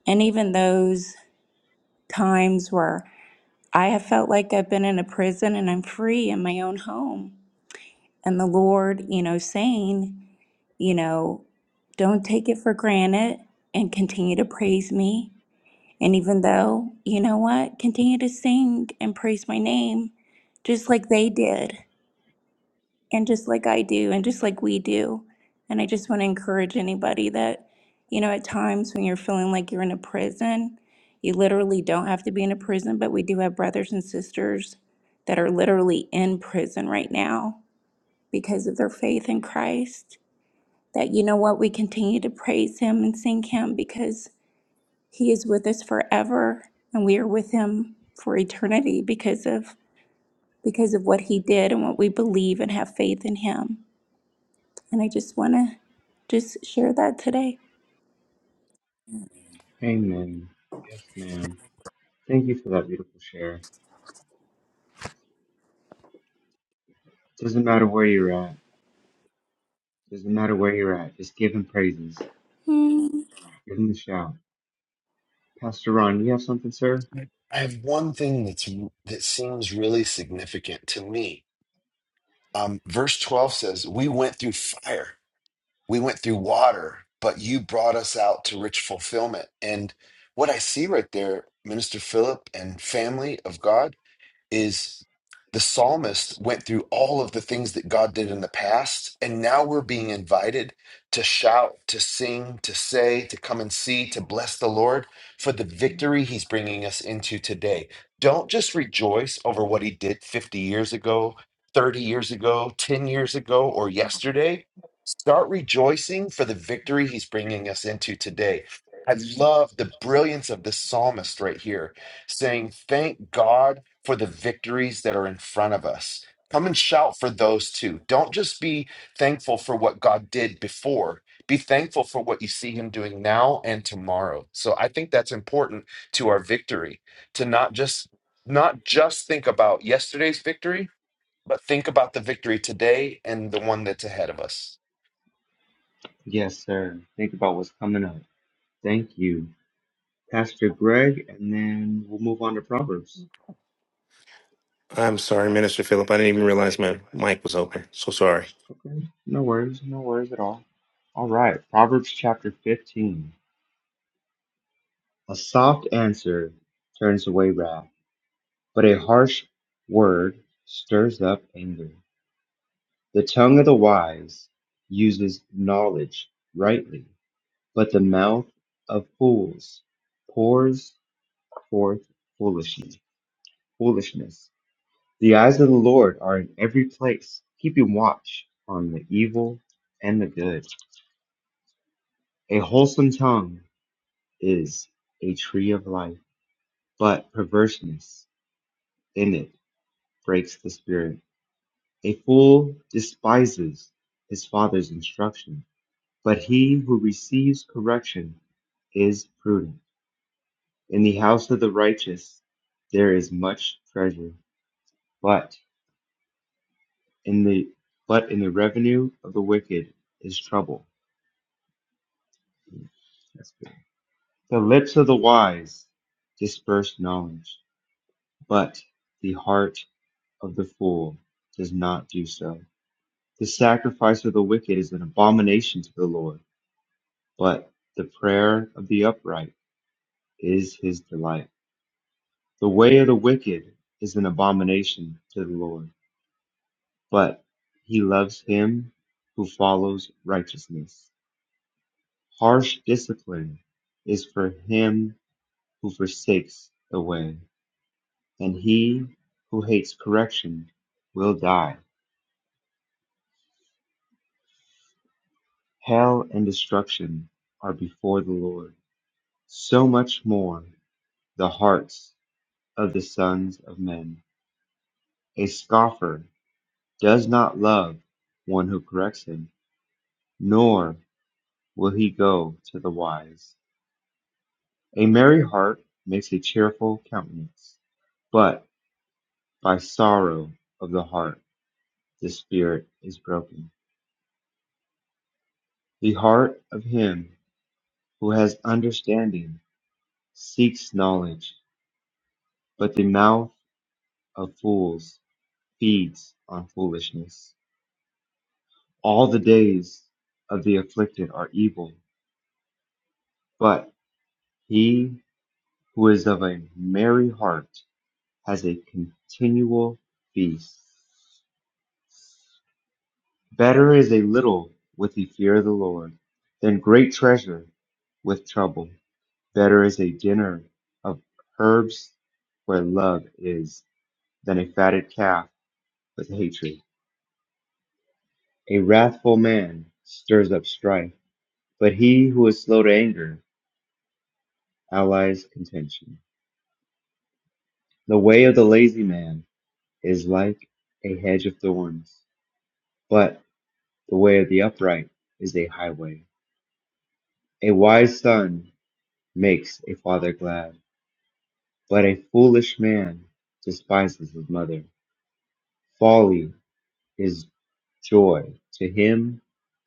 K: And even those times where I have felt like I've been in a prison and I'm free in my own home. and the Lord, you know, saying, you know, don't take it for granted and continue to praise me. And even though, you know what, continue to sing and praise my name just like they did, and just like I do, and just like we do. And I just want to encourage anybody that, you know, at times when you're feeling like you're in a prison, you literally don't have to be in a prison, but we do have brothers and sisters that are literally in prison right now because of their faith in Christ that you know what we continue to praise him and sing him because he is with us forever and we are with him for eternity because of because of what he did and what we believe and have faith in him and i just want to just share that today
I: Amen. Yes, ma'am. Thank you for that beautiful share. Doesn't matter where you're at. Doesn't matter where you're at. Just give him praises.
K: Hmm.
I: Give him a shout. Pastor Ron, you have something, sir?
A: I I have one thing that's that seems really significant to me. Um, verse 12 says, We went through fire, we went through water, but you brought us out to rich fulfillment. And what I see right there, Minister Philip and family of God. is the psalmist went through all of the things that God did in the past, and now we're being invited to shout, to sing, to say, to come and see, to bless the Lord for the victory he's bringing us into today. Don't just rejoice over what he did 50 years ago, 30 years ago, 10 years ago, or yesterday. Start rejoicing for the victory he's bringing us into today. I love the brilliance of this psalmist right here saying, Thank God for the victories that are in front of us. Come and shout for those too. Don't just be thankful for what God did before. Be thankful for what you see Him doing now and tomorrow. So I think that's important to our victory to not just not just think about yesterday's victory, but think about the victory today and the one that's ahead of us.
I: Yes, sir. Think about what's coming up. Thank you. Pastor Greg, and then we'll move on to Proverbs.
L: I'm sorry, Minister Philip. I didn't even realize my mic was open. So sorry.
I: Okay. No worries. No worries at all. All right. Proverbs chapter 15. A soft answer turns away wrath, but a harsh word stirs up anger. The tongue of the wise uses knowledge rightly, but the mouth of fools pours forth foolishness. Foolishness. The eyes of the Lord are in every place, keeping watch on the evil and the good. A wholesome tongue is a tree of life, but perverseness in it breaks the spirit. A fool despises his father's instruction, But he who receives correction is prudent. In the house of the righteous there is much treasure, but in the but in the revenue of the wicked is trouble. That's good. The lips of the wise disperse knowledge, but the heart of the fool does not do so. The sacrifice of the wicked is an abomination to the Lord, but the prayer of the upright is his delight. The way of the wicked is an abomination to the Lord, but he loves him who follows righteousness. Harsh discipline is for him who forsakes the way, and he who hates correction will die. Hell and destruction are before the Lord. So much more the hearts of the sons of men. A scoffer does not love one who corrects him, nor will he go to the wise. A merry heart makes a cheerful countenance, but by sorrow of the heart the spirit is broken. The heart of him who has understanding seeks knowledge, but the mouth of fools feeds on foolishness. All the days of the afflicted are evil, but he who is of a merry heart has a continual feast. Better is a little with the fear of the Lord than great treasure with trouble. Better is a dinner of herbs where love is than a fatted calf with hatred. A wrathful man stirs up strife, but he who is slow to anger allies contention. The way of the lazy man is like a hedge of thorns, but the way of the upright is a highway. A wise son makes a father glad But a foolish man despises his mother. Folly is joy to him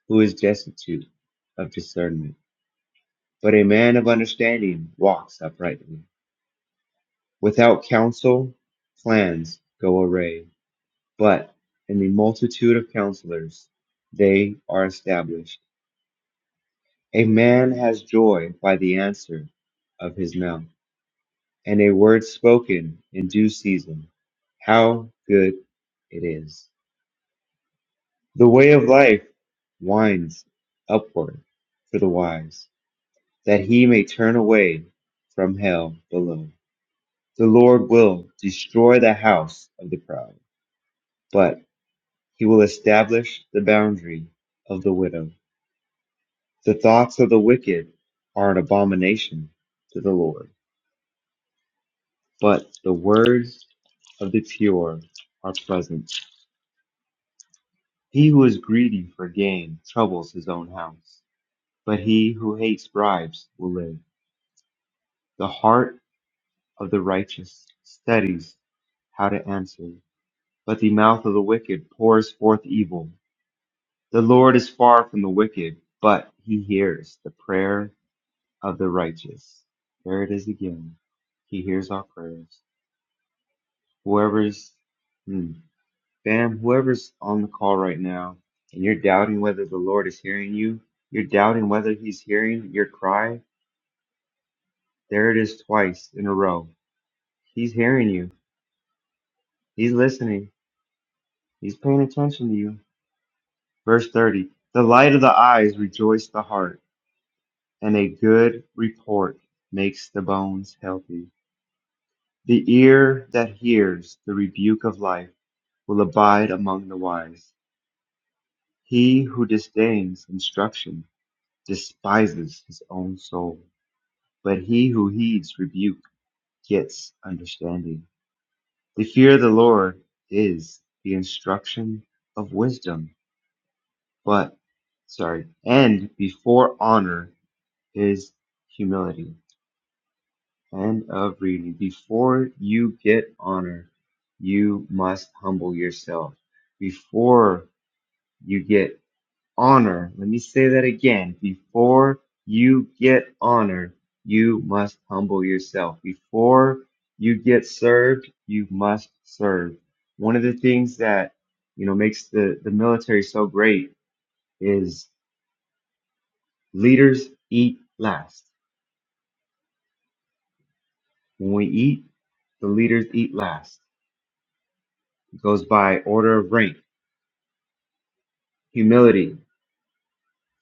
I: who is destitute of discernment. But a man of understanding walks uprightly. Without counsel, plans go awry. But in the multitude of counselors, they are established. A man has joy by the answer of his mouth, and a word spoken in due season. How good it is. The way of life winds upward for the wise, that he may turn away from hell below. The Lord will destroy the house of the proud, but he will establish the boundary of the widow. The thoughts of the wicked are an abomination to the Lord, but the words of the pure are pleasant. He who is greedy for gain troubles his own house, but he who hates bribes will live. The heart of the righteous studies how to answer, but the mouth of the wicked pours forth evil. The Lord is far from the wicked, but he hears the prayer of the righteous. There it is again. He hears our prayers. Whoever's, hmm, fam, whoever's on the call right now, and you're doubting whether the Lord is hearing you, you're doubting whether he's hearing your cry, there it is twice in a row. He's hearing you. He's listening. He's paying attention to you. Verse 30 The light of the eyes rejoices the heart, and a good report makes the bones healthy. The ear that hears the rebuke of life will abide among the wise. He who disdains instruction despises his own soul, but he who heeds rebuke gets understanding. The fear of the Lord is the instruction of wisdom, but sorry, and before honor Is humility. End of reading. Before you get honor, you must humble yourself. Before you get honor, let me say that again. Before you get honor, you must humble yourself. Before you get served, you must serve. One of the things that you know makes the, the military so great is leaders eat last. When we eat, the leaders eat last It goes by order of rank. Humility,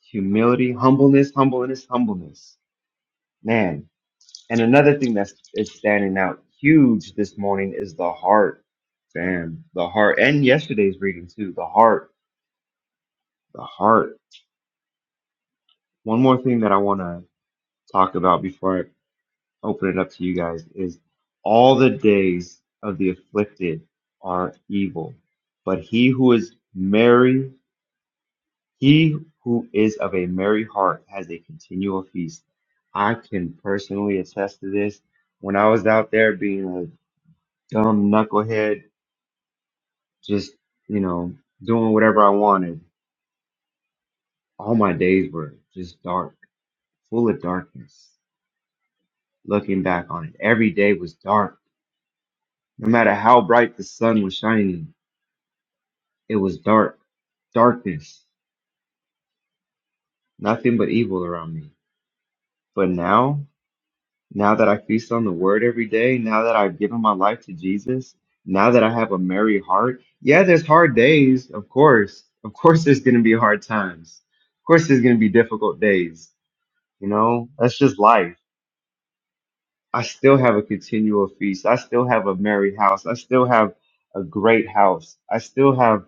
I: humility, humbleness, humbleness, humbleness. Man. And another thing that's is standing out huge this morning is the heart. Damn, the heart. And yesterday's reading too. The heart. The heart. One more thing that I want to talk about before I open it up to you guys is all the days of the afflicted are evil, but he who is merry He who is of a merry heart has a continual feast. I can personally attest to this. When I was out there being a dumb knucklehead, just, you know, doing whatever I wanted, all my days were just dark, full of darkness. Looking back on it, every day was dark. No matter how bright the sun was shining, it was dark, darkness, nothing but evil around me. But now? Now that I feast on the word every day, now that I've given my life to Jesus, now that I have a merry heart, yeah, there's hard days, of course. Of course, there's going to be hard times. Of course, there's going to be difficult days. You know, that's just life. I still have a continual feast. I still have a merry house. I still have a great house. I still have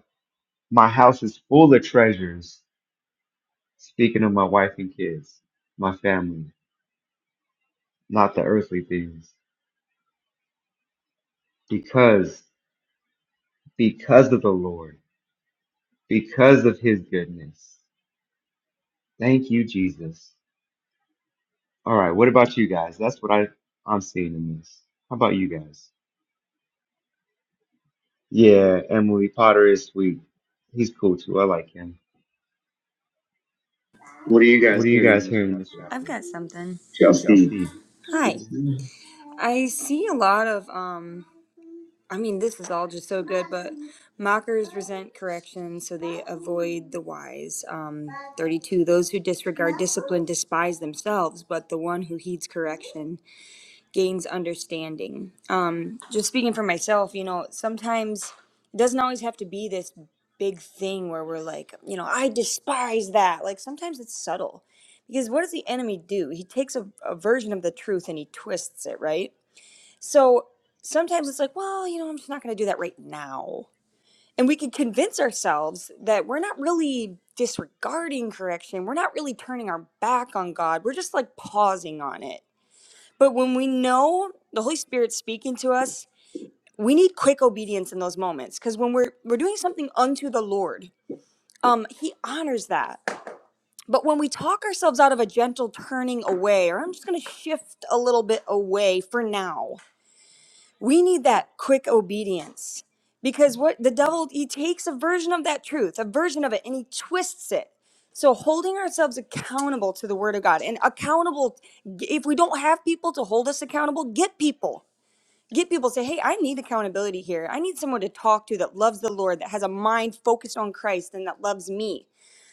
I: my house is full of treasures. Speaking of my wife and kids, my family, not the earthly things, because because of the Lord. because of his goodness. Thank you, Jesus. All right, what about you guys? That's what I, I'm seeing in this. How about you guys? Yeah, Emily Potter is sweet. He's cool too. I like him.
J: What are you
I: What
J: guys
I: are you
J: hearing
I: guys
J: in this
I: hearing in
J: chapter?
I: this
J: I've
I: chapter?
J: got something. Justine.
I: Chelsea.
J: Hi.
I: Yes, ma'am.
J: I see a lot of um I mean this is all just so good, but mockers resent correction, so they avoid the wise. Um thirty two, those who disregard discipline despise themselves, but the one who heeds correction gains understanding. Um, just speaking for myself, you know, sometimes it doesn't always have to be this big thing where we're like, you know, I despise that. Like sometimes it's subtle. Because what does the enemy do? He takes a, a version of the truth and he twists it, right? So sometimes it's like, well, you know, I'm just not going to do that right now. And we can convince ourselves that we're not really disregarding correction. We're not really turning our back on God. We're just like pausing on it but when we know the Holy Spirit's speaking to us, we need quick obedience in those moments because when we're we're doing something unto the Lord, um, He honors that. But when we talk ourselves out of a gentle turning away, or I'm just going to shift a little bit away for now, we need that quick obedience because what the devil he takes a version of that truth, a version of it, and he twists it. So holding ourselves accountable to the Word of God and accountable, if we don't have people to hold us accountable, get people get people to say, hey, I need accountability here. I need someone to talk to that loves the Lord, that has a mind focused on Christ, and that loves me.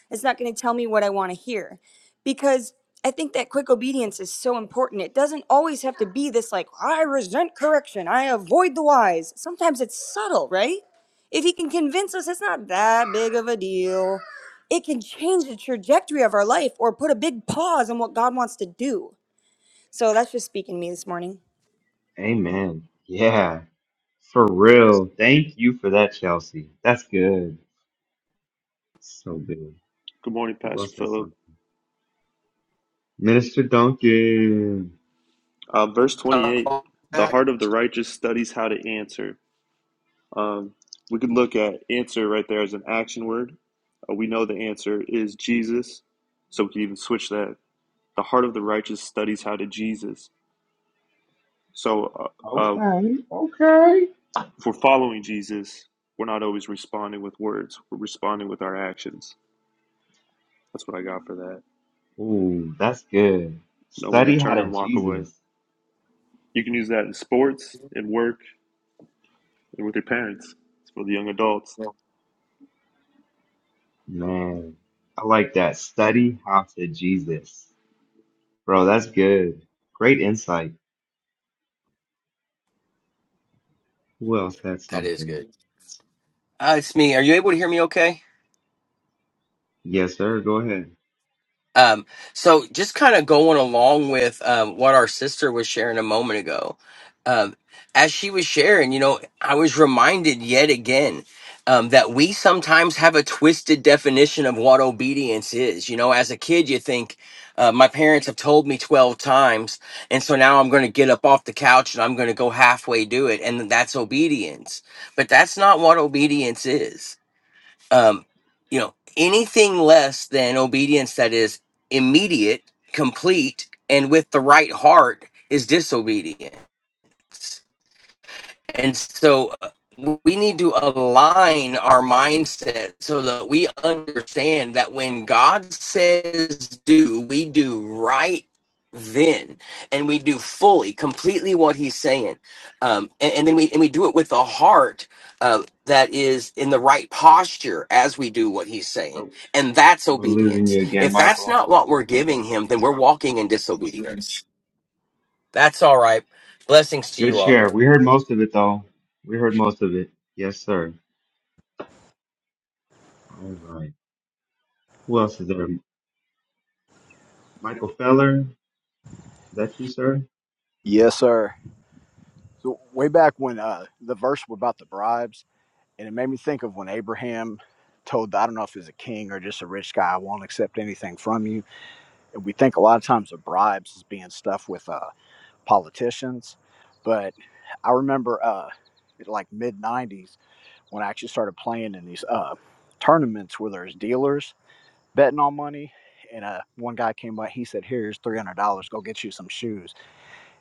J: It's not going to tell me what I want to hear. Because I think that quick obedience is so important. It doesn't always have to be this like, I resent correction, I avoid the wise. Sometimes it's subtle, right? If he can convince us it's not that big of a deal, it can change the trajectory of our life or put a big pause on what God wants to do. So that's just speaking to me this morning.
I: Amen. Yeah, for real. Thank you for that, Chelsea. That's good. So good.
M: Good morning,
I: Who
M: Pastor
I: else has
M: Philip.
I: something? Minister Duncan.
M: Uh, verse 28 The heart of the righteous studies how to answer. Um, we could look at answer right there as an action word. Uh, we know the answer is Jesus. So we can even switch that. The heart of the righteous studies how to Jesus. So uh, uh,
I: Okay, okay.
M: if we're following Jesus, we're not always responding with words, we're responding with our actions. That's what I got for that.
I: Ooh, that's good.
M: Know when to
I: Study how
M: turn
I: to
M: and walk away.
I: Jesus.
M: You can use that in sports, in work, and with your parents. It's for the young adults.
I: Man, I like that. Study how to Jesus. Bro, that's good. Great insight. Who else had
D: That is
I: something?
D: good. Uh, it's me. Are you able to hear me? Okay.
I: Yes, sir. Go ahead.
D: Um, so just kind of going along with um, what our sister was sharing a moment ago, um, as she was sharing, you know, I was reminded yet again um, that we sometimes have a twisted definition of what obedience is. You know, as a kid, you think, uh, my parents have told me 12 times, and so now I'm going to get up off the couch and I'm going to go halfway do it, and that's obedience. But that's not what obedience is um, you know, anything less than obedience that is immediate, complete, and with the right heart is disobedience. And so uh, we need to align our mindset so that we understand that when God says do, we do right then and we do fully completely what he's saying um and, and then we and we do it with a heart uh that is in the right posture as we do what he's saying
I: Oh,
D: and that's
I: we're losing
D: obedience
I: you again,
D: if that's
I: Michael.
D: not what we're giving him then we're walking in disobedience that's all right blessings to
I: Good
D: you all
I: share. We heard most of it, though. We heard most of it. Yes, sir. All right. Who else is there? Michael Feller. Is that you, sir?
N: Yes, sir. So way back when uh, the verse about the bribes, and it made me think of when Abraham told I don't know if he's a king or just a rich guy, I won't accept anything from you. And we think a lot of times of bribes as being stuff with uh, politicians, but I remember uh, like mid '90s when I actually started playing in these uh, tournaments where there's dealers betting on money. And uh, one guy came up, he said, "Here's three hundred dollars. Go get you some shoes."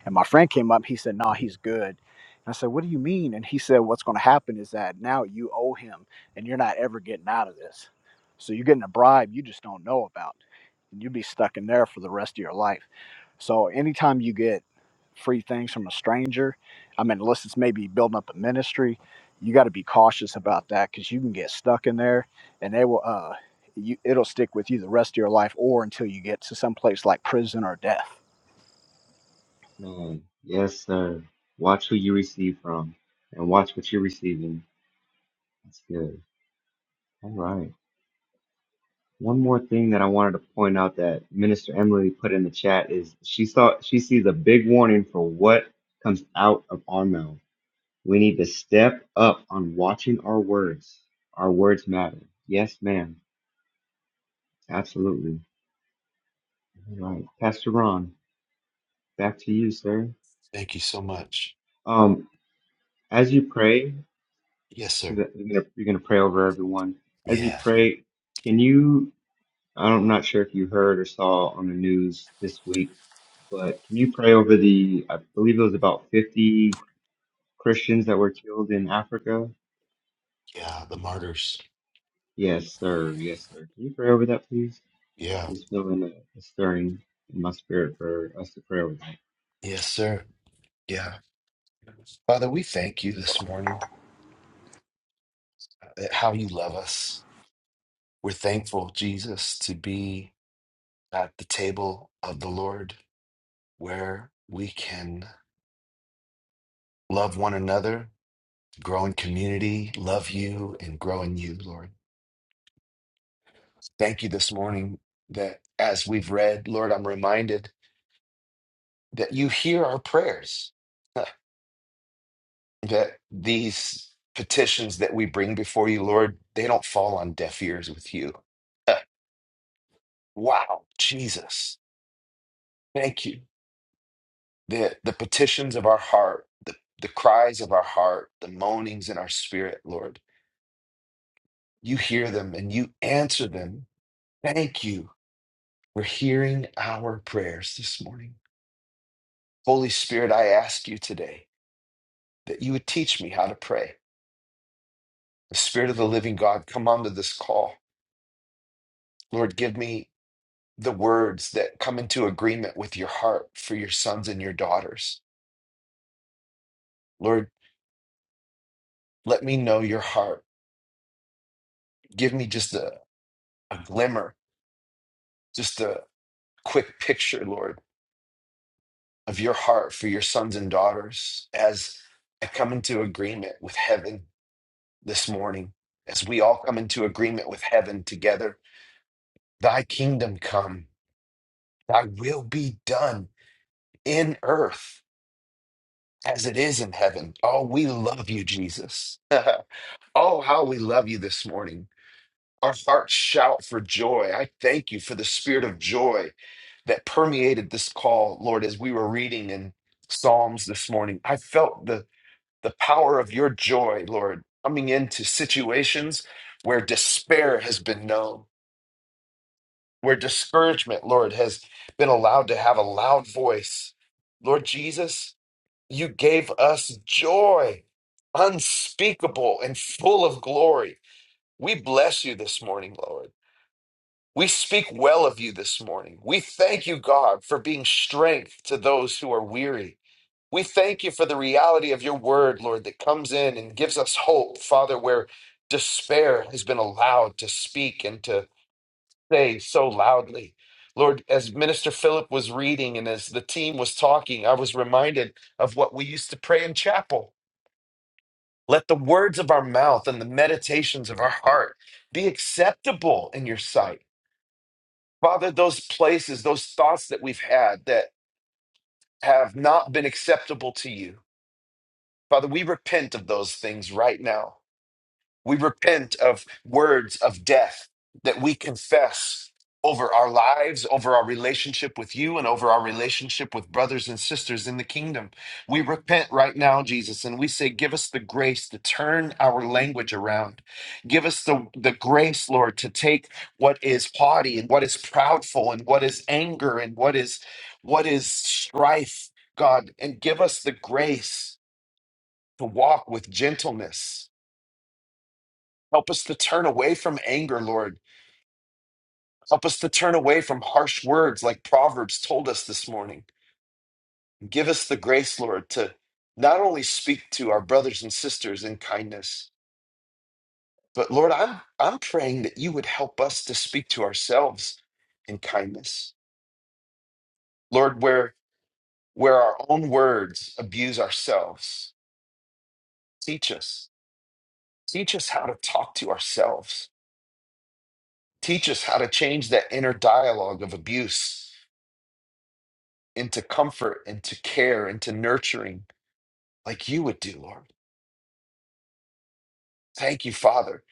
N: And my friend came up. He said, "No, he's good." And I said, "What do you mean?" And he said, "What's going to happen is that now you owe him, and you're not ever getting out of this. So you're getting a bribe you just don't know about, and you'd be stuck in there for the rest of your life." So anytime you get free things from a stranger, I mean, unless it's maybe building up a ministry, you got to be cautious about that because you can get stuck in there, and they will. Uh, you, it'll stick with you the rest of your life, or until you get to some place like prison or death.
I: Man, yes, sir. Watch who you receive from and watch what you're receiving. That's good. All right. One more thing that I wanted to point out that Minister Emily put in the chat is she saw she sees a big warning for what comes out of our mouth. We need to step up on watching our words. Our words matter. Yes, ma'am. Absolutely. All right. Pastor Ron, back to you, sir.
A: Thank you so much.
I: Um, as you pray,
A: Yes,
I: 'cause
A: sir.
I: you're gonna, you're gonna pray over everyone. As you
A: Yeah.
I: pray, can you? I don't- I'm not sure if you heard or saw on the news this week But can you pray over the, I believe it was about 50 Christians that were killed in Africa?
A: Yeah. The martyrs.
I: Yes, sir. Yes, sir. Can you pray over that, please?
A: Yeah.
I: It's feeling a, a stirring in my spirit for us to pray over that.
A: Yes, sir. Yeah. Father, we thank you this morning, uh, how you love us. We're thankful, Jesus, to be at the table of the Lord where we can love one another, grow in community, love you, and grow in you, Lord. Thank you this morning that as we've read, Lord, I'm reminded that you hear our prayers, that these petitions that we bring before you, Lord, they don't fall on deaf ears with you. Wow, Jesus, thank you. the the petitions of our heart, the, the cries of our heart, the moanings in our spirit, Lord. You hear them and you answer them. Thank you for hearing our prayers this morning. Holy Spirit, I ask you today that you would teach me how to pray. The Spirit of the living God, come onto this call. Lord, give me the words that come into agreement with your heart for your sons and your daughters. Lord, let me know your heart. Give me just a, a glimmer, just a, quick picture, Lord, of your heart for your sons and daughters as I come into agreement with heaven this morning, as we all come into agreement with heaven together. Thy kingdom come, thy will be done in earth as it is in heaven. Oh, we love you, Jesus. oh, how we love you this morning. Our hearts shout for joy. I thank you for the spirit of joy that permeated this call, Lord, as we were reading in Psalms this morning. I felt the, the power of your joy, Lord, coming into situations where despair has been known, where discouragement, Lord, has been allowed to have a loud voice. Lord Jesus, you gave us joy, unspeakable and full of glory. We bless you this morning, Lord. We speak well of you this morning. We thank you, God, for being strength to those who are weary. We thank you for the reality of your word, Lord, that comes in and gives us hope, Father, where despair has been allowed to speak and to say so loudly. Lord, as Minister Philip was reading and as the team was talking, I was reminded of what we used to pray in chapel. Let the words of our mouth and the meditations of our heart be acceptable in your sight. Father, those places, those thoughts that we've had that have not been acceptable to you, Father, we repent of those things right now. We repent of words of death that we confess over our lives, over our relationship with you, and over our relationship with brothers and sisters in the kingdom. We repent right now, Jesus, and we say, Give us the grace to turn our language around. Give us the, the grace, Lord, to take what is haughty and what is proudful and what is anger and what is what is strife, God, and give us the grace to walk with gentleness Help us to turn away from anger, Lord. Help us to turn away from harsh words like Proverbs told us this morning. Give us the grace, Lord, to not only speak to our brothers and sisters in kindness, but Lord, I'm, I'm praying that you would help us to speak to ourselves in kindness. Lord, where, where our own words abuse ourselves, teach us. Teach us how to talk to ourselves. Teach us how to change that inner dialogue of abuse into comfort, into care, into nurturing, like you would do, Lord. Thank you, Father,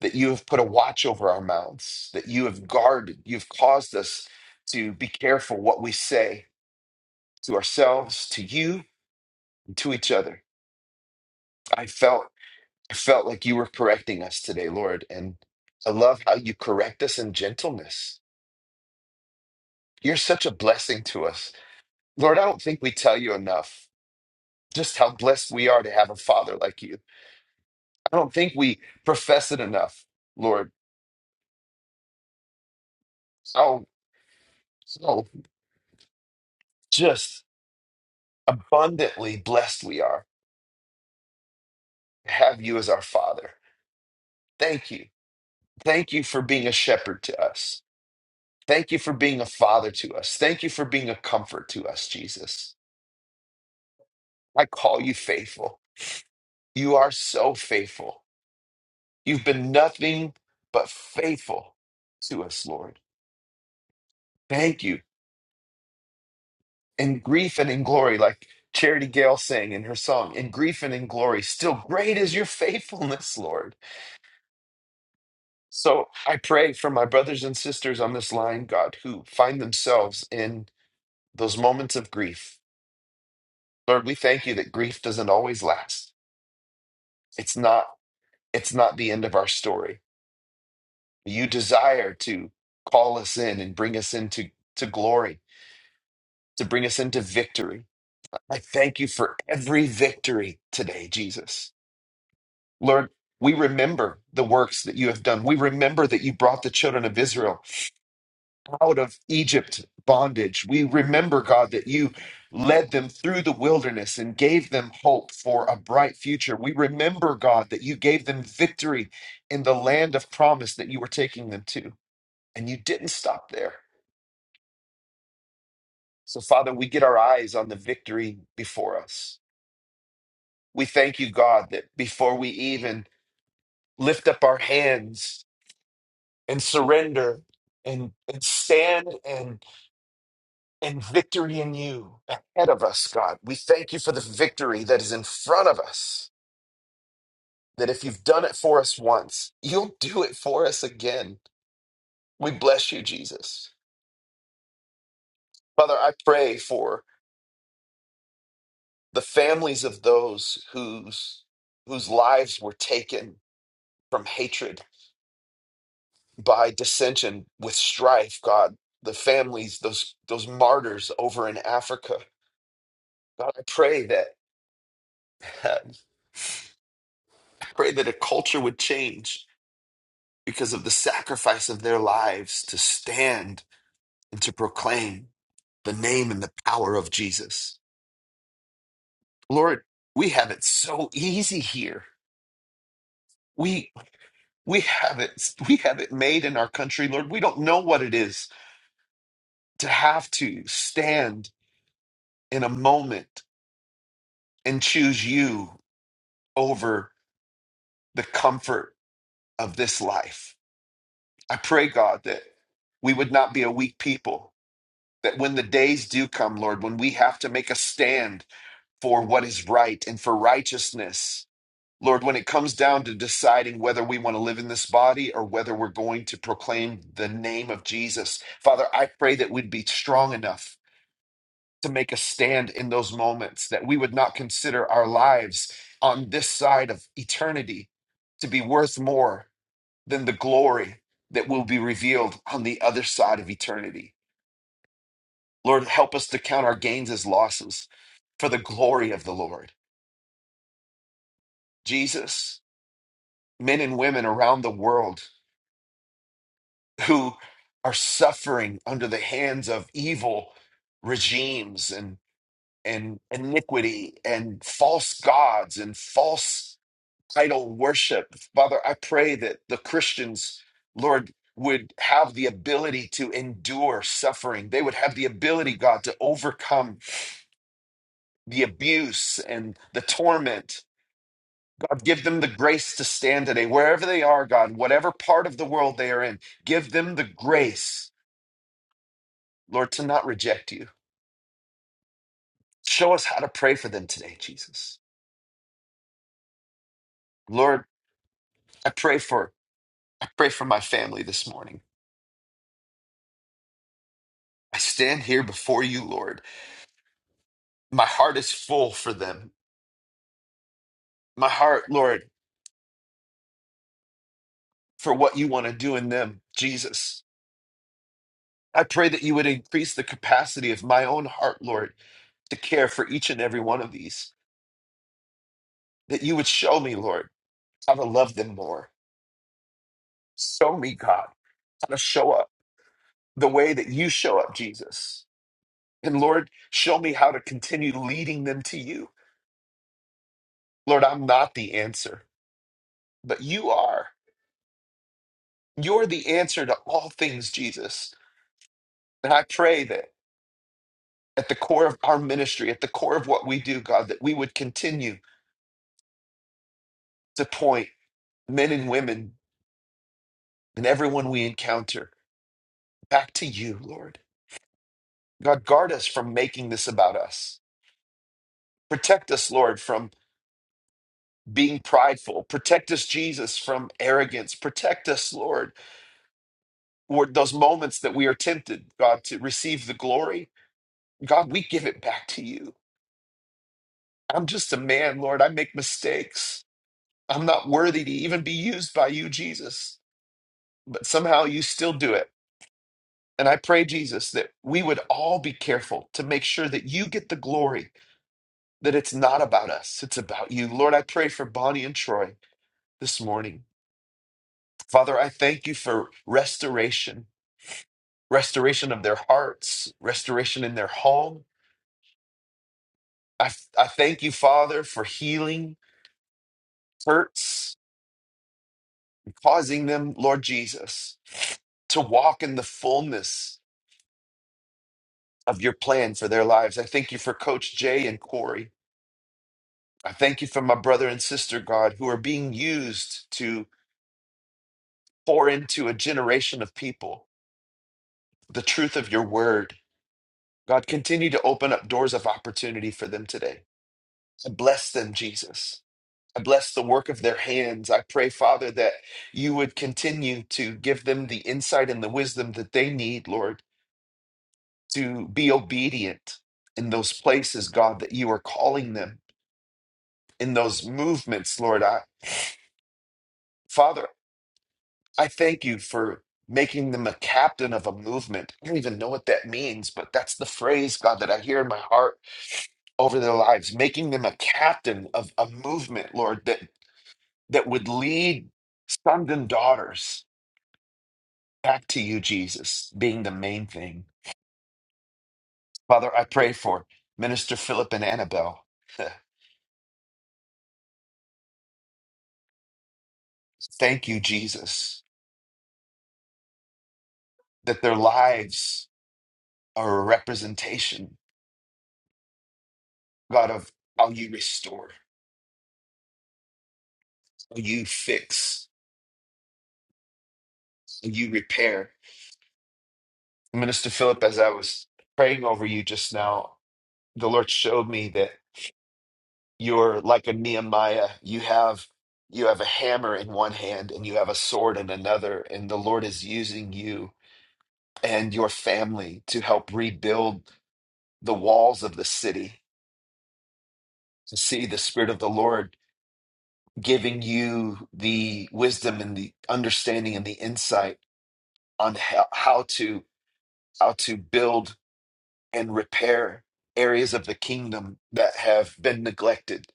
A: that you have put a watch over our mouths, that you have guarded, you've caused us to be careful what we say to ourselves, to you, and to each other. I felt I felt like you were correcting us today, Lord, and I love how you correct us in gentleness. You're such a blessing to us. Lord, I don't think we tell you enough just how blessed we are to have a father like you I don't think we profess it enough, Lord. So, so just abundantly blessed we are to have you as our Father. Thank you. Thank you for being a shepherd to us. Thank you for being a father to us. Thank you for being a comfort to us, Jesus. I call you faithful. You are so faithful. You've been nothing but faithful to us, Lord. Thank you in grief and in glory, like Charity Gale sang in her song, in grief and in glory, still great is your faithfulness, Lord. So I pray for my brothers and sisters on this line, God, who find themselves in those moments of grief. Lord, we thank you that grief doesn't always last. It's not it's not the end of our story. You desire to call us in and bring us into to glory, to bring us into victory. I thank you for every victory today, Jesus. Lord, we remember the works that you have done. We remember that you brought the children of Israel out of Egypt bondage. We remember, God, that you led them through the wilderness and gave them hope for a bright future. We remember, God, that you gave them victory in the land of promise that you were taking them to. And you didn't stop there. So, Father, we get our eyes on the victory before us. We thank you, God, that before we even lift up our hands, and surrender and, and stand and and victory in you ahead of us, God. We thank you for the victory that is in front of us. That if you've done it for us once, you'll do it for us again. We bless you, Jesus. Father, I pray for the families of those whose whose lives were taken from hatred by dissension with strife, God. The families, those those martyrs over in Africa. God, I pray that Pray that a culture would change because of the sacrifice of their lives to stand and to proclaim the name and the power of Jesus. Lord, we have it so easy here. We we have it we have it made in our country, Lord. We don't know what it is to have to stand in a moment and choose you over the comfort of this life. I pray God that we would not be a weak people that when the days do come, Lord, when we have to make a stand for what is right and for righteousness, Lord, when it comes down to deciding whether we want to live in this body or whether we're going to proclaim the name of Jesus, Father, I pray that we'd be strong enough to make a stand in those moments, that we would not consider our lives on this side of eternity to be worth more than the glory that will be revealed on the other side of eternity. Lord, help us to count our gains as losses for the glory of the Lord. Jesus, men and women around the world who are suffering under the hands of evil regimes and, and iniquity and false gods and false idol worship. Father, I pray that the Christians, Lord, would have the ability to endure suffering. They would have the ability, God, to overcome the abuse and the torment God, give them the grace to stand today, wherever they are, God, whatever part of the world they are in, give them the grace, Lord, to not reject you. Show us how to pray for them today, Jesus. Lord, I pray for I pray for my family this morning. I stand here before you, Lord. My heart is full for them. My heart, Lord, for what you want to do in them, Jesus. I pray that you would increase the capacity of my own heart, Lord, to care for each and every one of these. That you would show me, Lord, how to love them more Show me, God, how to show up the way that you show up, Jesus. And Lord, show me how to continue leading them to you. Lord, I'm not the answer, but you are. You're the answer to all things, Jesus. And I pray that at the core of our ministry, at the core of what we do, God, that we would continue to point men and women and everyone we encounter back to you, Lord. God, guard us from making this about us. Protect us, Lord, from being prideful. Protect us, Jesus, from arrogance. Protect us, Lord, for those moments that we are tempted, God, to receive the glory. God, we give it back to you. I'm just a man, Lord. I make mistakes. I'm not worthy to even be used by you, Jesus, but somehow you still do it. And I pray, Jesus, that we would all be careful to make sure that you get the glory, that it's not about us, it's about you. Lord, I pray for Bonnie and Troy this morning. Father, I thank you for restoration. restoration of their hearts, restoration in their home. I, I thank you, Father, for healing hurts, causing them, Lord Jesus, to walk in the fullness of your plan for their lives. I thank you for Coach Jay and Corey. I thank you for my brother and sister, God, who are being used to pour into a generation of people the truth of your word. God, continue to open up doors of opportunity for them today. Bless them, Jesus. I bless the work of their hands. I pray, Father, that you would continue to give them the insight and the wisdom that they need, Lord, to be obedient in those places, God, that you are calling them, in those movements, Lord. I, Father, I thank you for making them a captain of a movement. I don't even know what that means, but that's the phrase, God, that I hear in my heart over their lives, making them a captain of a movement, Lord, that that would lead sons and daughters. back to you, Jesus, being the main thing. Father, I pray for Minister Philip and Annabelle. Thank you, Jesus, that their lives are a representation, God, of how you restore, how you fix, how you repair. Minister Philip, as I was praying over you just now, the Lord showed me that you're like a Nehemiah. You have you have a hammer in one hand and you have a sword in another, and the Lord is using you and your family to help rebuild the walls of the city, to see the Spirit of the Lord giving you the wisdom and the understanding and the insight on how, how to how to build and repair areas of the kingdom that have been neglected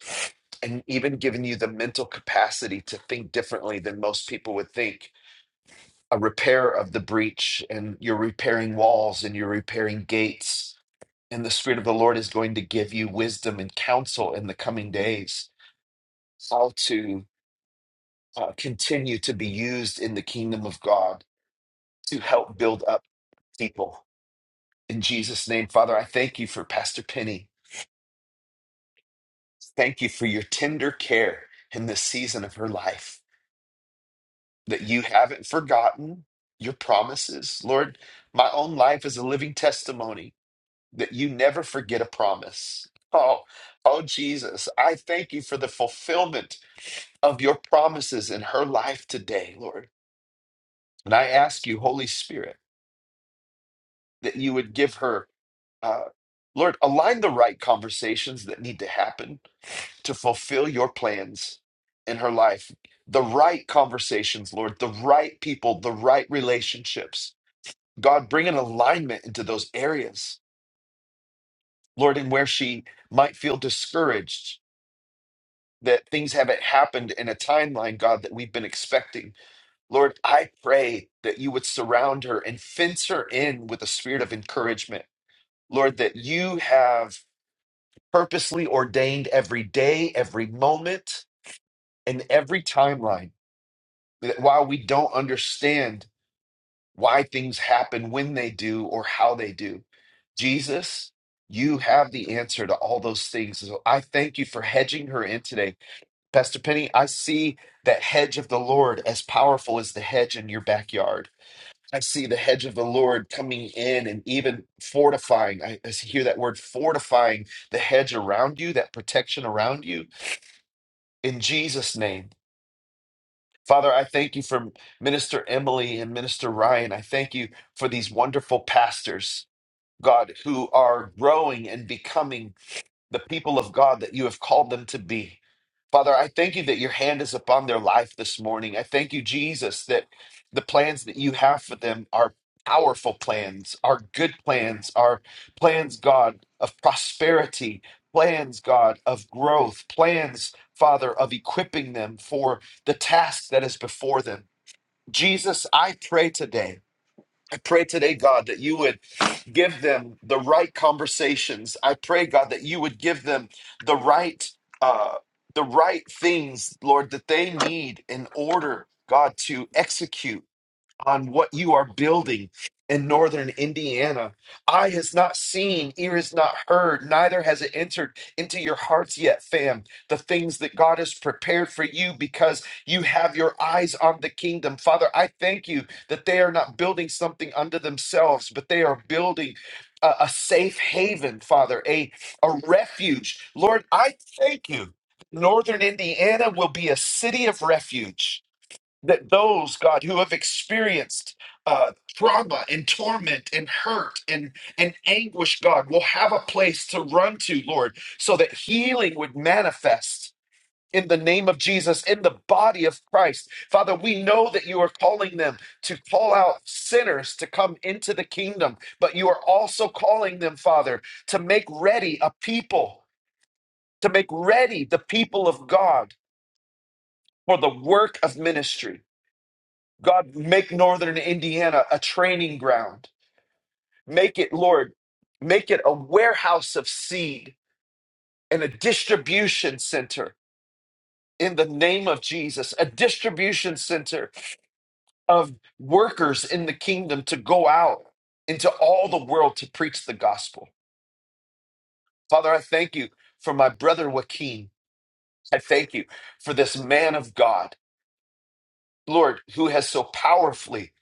A: and even giving you the mental capacity to think differently than most people would think. A repair of the breach, and you're repairing walls and you're repairing gates And the Spirit of the Lord is going to give you wisdom and counsel in the coming days how to uh, continue to be used in the kingdom of God to help build up people. In Jesus' name, Father, I thank you for Pastor Penny. Thank you for your tender care in this season of her life, that you haven't forgotten your promises. Lord, my own life is a living testimony that you never forget a promise. Oh, oh Jesus, I thank you for the fulfillment of your promises in her life today, Lord. And I ask you, Holy Spirit, that you would give her, uh, Lord, align the right conversations that need to happen to fulfill your plans in her life. The right conversations, Lord, the right people, the right relationships. God, bring an alignment into those areas, Lord, and where she might feel discouraged that things haven't happened in a timeline, God, that we've been expecting. Lord, I pray that you would surround her and fence her in with a spirit of encouragement. Lord, that you have purposely ordained every day, every moment, and every timeline. That while we don't understand why things happen when they do or how they do, Jesus, you have the answer to all those things. So I thank you for hedging her in today Pastor Penny, I see that hedge of the Lord as powerful as the hedge in your backyard. I see the hedge of the Lord coming in and even fortifying. I, I hear that word fortifying the hedge around you, that protection around you in Jesus' name. Father, I thank you for Minister Emily and Minister Ryan. I thank you for these wonderful pastors, God, who are growing and becoming the people of God that you have called them to be. Father, I thank you that your hand is upon their life this morning. I thank you, Jesus, that the plans that you have for them are powerful plans, are good plans, are plans, God, of prosperity, plans, God, of growth, plans, Father, of equipping them for the task that is before them. Jesus, I pray today I pray today, God, that you would give them the right conversations. I pray, God, that you would give them the right, uh, the right things, Lord, that they need in order, God, to execute on what you are building in northern Indiana. Eye has not seen, ear has not heard, neither has it entered into your hearts yet, fam. The things that God has prepared for you because you have your eyes on the kingdom. Father, I thank you that they are not building something unto themselves, but they are building. A a safe haven, Father, a, a refuge. Lord, I thank you. Northern Indiana will be a city of refuge that those god who have experienced uh, trauma and torment and hurt and and anguish god will have a place to run to lord so that healing would manifest in the name of jesus in the body of christ father we know that you are calling them to call out sinners to come into the kingdom but you are also calling them father to make ready a people to make ready the people of god for the work of ministry God, make Northern Indiana a training ground. Make it, Lord, make it a warehouse of seed and a distribution center in the name of Jesus, a distribution center of workers in the kingdom to go out into all the world to preach the gospel. Father, I thank you for my brother Joaquin. I thank you for this man of God, Lord, who has so powerfully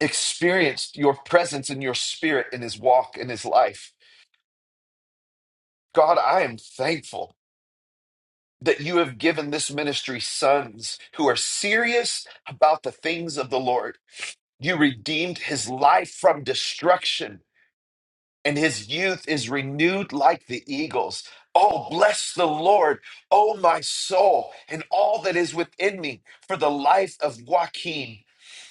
A: experienced your presence and your spirit in his walk, in his life. God, I am thankful that you have given this ministry sons who are serious about the things of the Lord. You redeemed his life from destruction and his youth is renewed like the eagles. Oh, bless the Lord, oh my soul, and all that is within me for the life of Joaquin.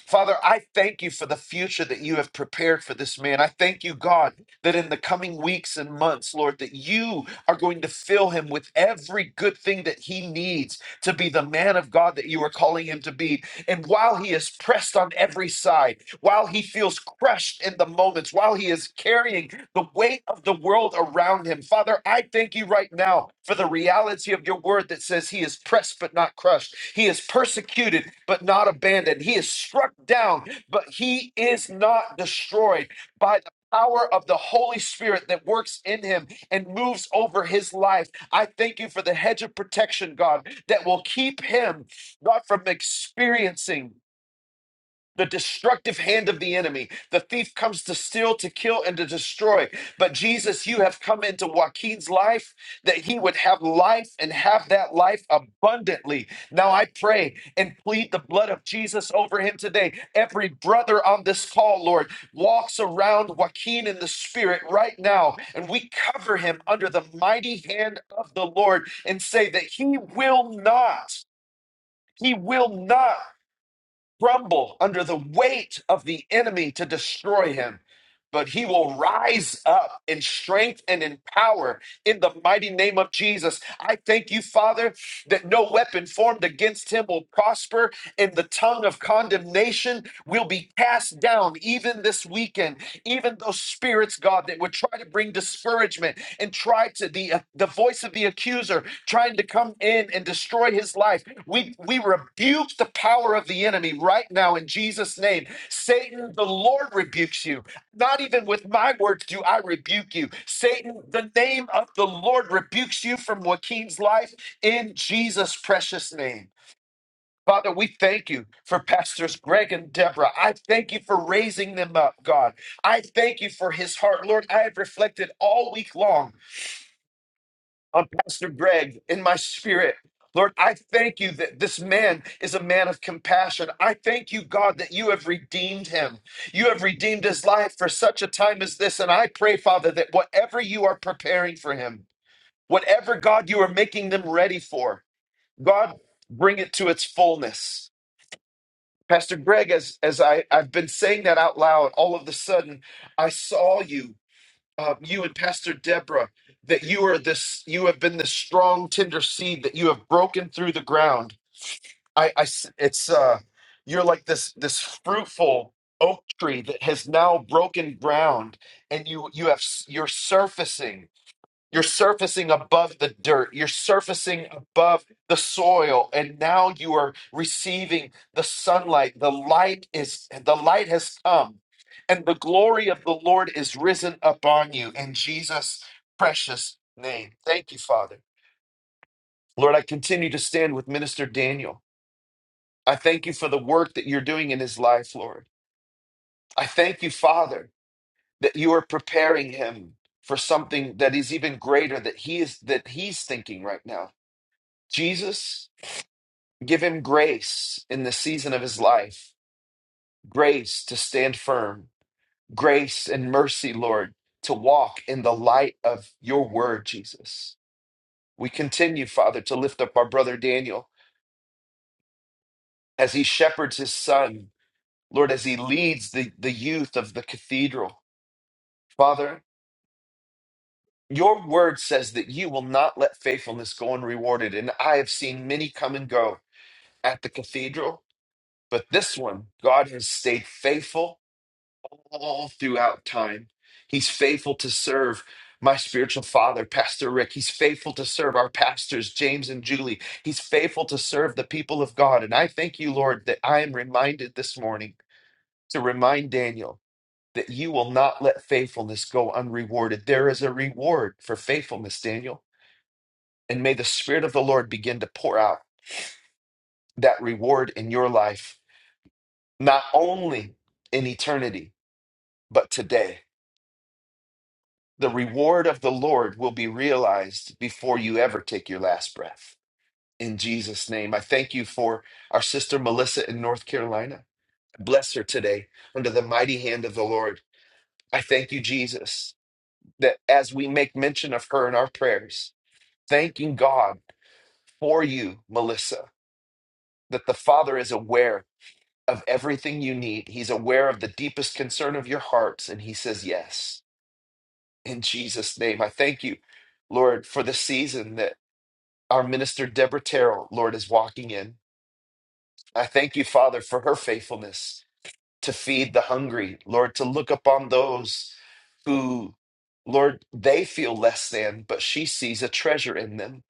A: Father, I thank you for the future that you have prepared for this man. I thank you, God, that in the coming weeks and months, Lord, that you are going to fill him with every good thing that he needs to be the man of God that you are calling him to be. And while he is pressed on every side, while he feels crushed in the moments, while he is carrying the weight of the world around him. Father, I thank you right now for the reality of your word that says he is pressed but not crushed. He is persecuted but not abandoned. He is struck down, but he is not destroyed by the power of the Holy Spirit that works in him and moves over his life. I thank you for the hedge of protection, God, that will keep him, God, from experiencing the destructive hand of the enemy. The thief comes to steal, to kill, and to destroy. But Jesus, you have come into Joaquin's life that he would have life and have that life abundantly. Now I pray and plead the blood of Jesus over him today. Every brother on this call, Lord, walks around Joaquin in the spirit right now, and we cover him under the mighty hand of the Lord and say that he will not. He will not crumble under the weight of the enemy to destroy him. But he will rise up in strength and in power in the mighty name of Jesus. I thank you, Father, that no weapon formed against him will prosper, and the tongue of condemnation will be cast down even this weekend. Even those spirits, God, that would try to bring discouragement and try to the, uh, the voice of the accuser trying to come in and destroy his life. We, we rebuke the power of the enemy right now in Jesus' name. Satan, the Lord rebukes you. Not even with my words do I rebuke you. Satan, the name of the Lord rebukes you from Joaquin's life in Jesus' precious name. Father, we thank you for Pastors Greg and Deborah. I thank you for raising them up, God. I thank you for his heart. Lord, I have reflected all week long on Pastor Greg in my spirit. Lord, I thank you that this man is a man of compassion. I thank you, God, that you have redeemed him. You have redeemed his life for such a time as this. And I pray, Father, that whatever you are preparing for him, whatever, God, you are making them ready for, God, bring it to its fullness. Pastor Greg, as, as I, I've been saying that out loud, all of a sudden, I saw you um, you and Pastor Deborah that you are this, you have been this strong, tender seed that you have broken through the ground. I, I s- it's, uh, you're like this, this fruitful oak tree that has now broken ground, and you, you have, s- you're surfacing you're surfacing above the dirt. You're surfacing above the soil. And now you are receiving the sunlight. The light is the light has come. And the glory of the Lord is risen upon you in Jesus' precious name. Thank you, Father. Lord, I continue to stand with Minister Daniel. I thank you for the work that you're doing in his life, Lord. I thank you, Father, that you are preparing him for something that is even greater that he is that he's thinking right now. Jesus, give him grace in the season of his life, grace to stand firm, grace and mercy, Lord, to walk in the light of your word, Jesus. We continue, Father, to lift up our brother Daniel as he shepherds his son, Lord, as he leads the, the youth of the cathedral. Father, your word says that you will not let faithfulness go unrewarded, and I have seen many come and go at the cathedral, but this one, God has stayed faithful all throughout time. He's faithful to serve my spiritual father, Pastor Rick. He's faithful to serve our pastors, James and Julie. He's faithful to serve the people of God. And I thank you, Lord, that I am reminded this morning to remind Daniel that you will not let faithfulness go unrewarded. There is a reward for faithfulness, Daniel. And may the Spirit of the Lord begin to pour out that reward in your life, not only in eternity, but today. The reward of the Lord will be realized before you ever take your last breath. In Jesus' name, I thank you for our sister Melissa in North Carolina. Bless her today under the mighty hand of the Lord. I thank you, Jesus, that as we make mention of her in our prayers, thanking God for you, Melissa, that the Father is aware of everything you need. He's aware of the deepest concern of your hearts, and He says yes. In Jesus' name, I thank you Lord, for the season that Our minister, Deborah Terrell, Lord, is walking in. I thank you, Father, for her faithfulness to feed the hungry, Lord, to look upon those who, Lord, they feel less than, but she sees a treasure in them.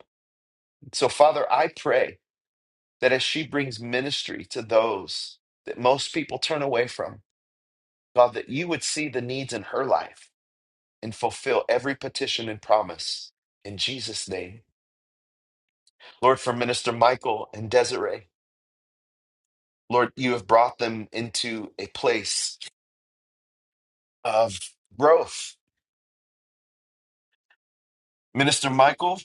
A: So, Father, I pray that as she brings ministry to those that most people turn away from, God, that you would see the needs in her life and fulfill every petition and promise. In Jesus' name. Lord, for Minister Michael and Desiree. Lord, you have brought them into a place of growth. Minister Michael,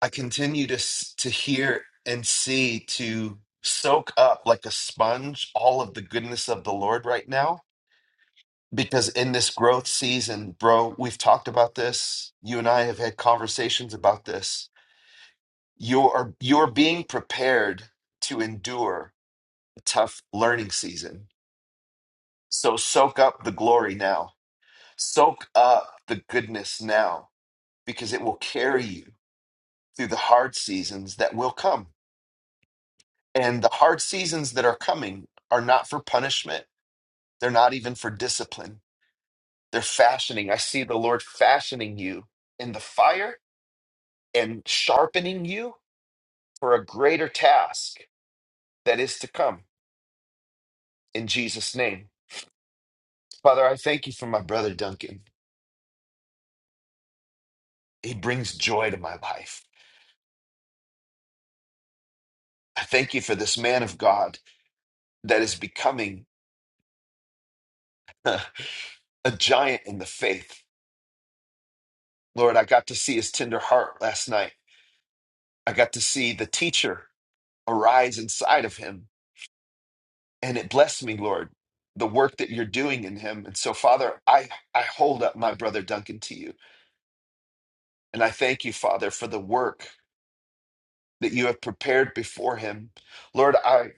A: I continue to, s- to hear and see to soak up like a sponge all of the goodness of the Lord right now. Because in this growth season, bro, we've talked about this. You and I have had conversations about this. You're, you're being prepared to endure a tough learning season. So soak up the glory now soak up the goodness now because it will carry you through the hard seasons that will come. And the hard seasons that are coming are not for punishment, they're not even for discipline. They're fashioning. I see the Lord fashioning you in the fire and sharpening you for a greater task that is to come in Jesus' name. Father, I thank you for my brother Duncan. He brings joy to my life. I thank you for this man of God that is becoming a giant in the faith Lord, I got to see his tender heart last night. I got to see the teacher arise inside of him. And it blessed me, Lord, the work that you're doing in him. And so, Father, I, I hold up my brother Duncan to you. And I thank you, Father, for the work that you have prepared before him. Lord, I,